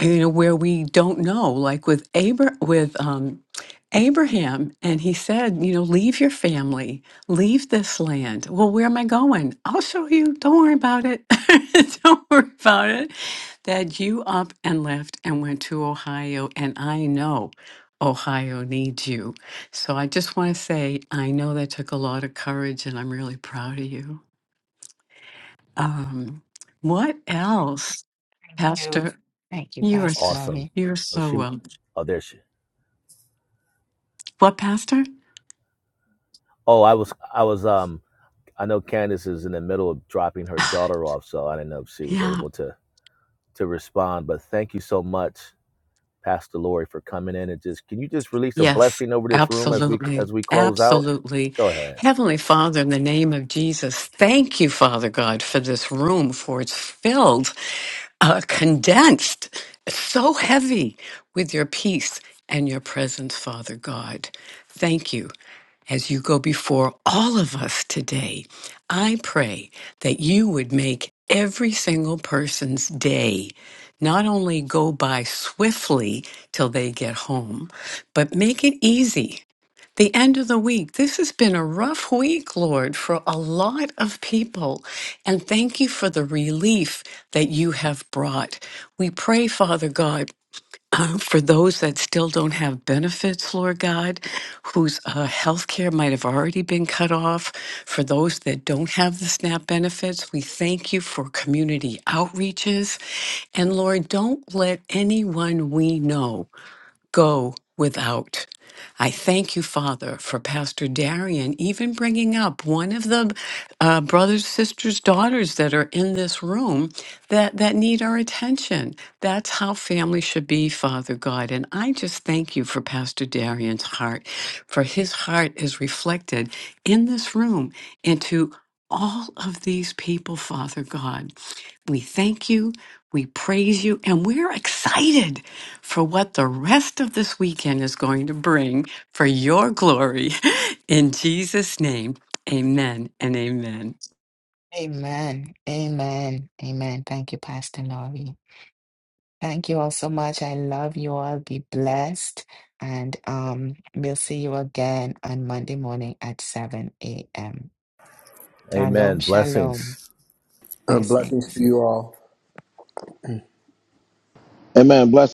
Speaker 9: you know where we don't know like with Abra- with um Abraham and he said you know leave your family leave this land well where am I going I'll show you don't worry about it don't worry about it that you up and left and went to Ohio and I know Ohio needs you so I just want to say I know that took a lot of courage and I'm really proud of you um what else
Speaker 1: Thank you.
Speaker 9: pastor
Speaker 1: Thank you,
Speaker 9: you are
Speaker 1: Pastor
Speaker 9: s-
Speaker 6: awesome.
Speaker 1: Lori.
Speaker 9: you're
Speaker 6: Oh,
Speaker 9: so
Speaker 6: she.
Speaker 9: welcome
Speaker 6: Oh, there she.
Speaker 9: What, Pastor?
Speaker 6: Oh, I was. I was. Um, I know Candace is in the middle of dropping her daughter off, so I didn't know if she was
Speaker 9: Yeah.
Speaker 6: able to to respond. But thank you so much, Pastor Lori, for coming in and just can you just release a
Speaker 9: Yes,
Speaker 6: blessing over this room as we
Speaker 9: absolutely.
Speaker 6: as we close out?
Speaker 9: Absolutely.
Speaker 6: Go ahead.
Speaker 9: Heavenly Father, in the name of Jesus, thank you, Father God, for this room, for it's filled, uh, condensed, so heavy with your peace and your presence, Father God. Thank you. as you go before all of us today, I pray that you would make every single person's day not only go by swiftly till they get home, but make it easy. The end of the week. This has been a rough week, Lord, for a lot of people. And thank you for the relief that you have brought. We pray, Father God. uh, for those that still don't have benefits, Lord God, whose uh, health care might have already been cut off, for those that don't have the SNAP benefits, we thank you for community outreaches. And Lord, don't let anyone we know go without. I thank you, Father, for Pastor Darian even bringing up one of the uh, brothers, sisters, daughters that are in this room that, that need our attention. That's how family should be, Father God. And I just thank you for Pastor Darian's heart, for his heart is reflected in this room into all of these people, Father God. We thank you. We praise you. And we're excited for what the rest of this weekend is going to bring for your glory. In Jesus' name, amen and amen.
Speaker 1: Amen. Amen. Amen. Thank you, Pastor Lori. Thank you all so much. I love you all. Be blessed. And um, we'll see you again on Monday morning at 7 a.m. Shalom,
Speaker 6: Amen. Blessings.
Speaker 1: shalom.
Speaker 3: Uh, blessings to
Speaker 1: Blessings.
Speaker 3: you all.
Speaker 5: Amen. Bless.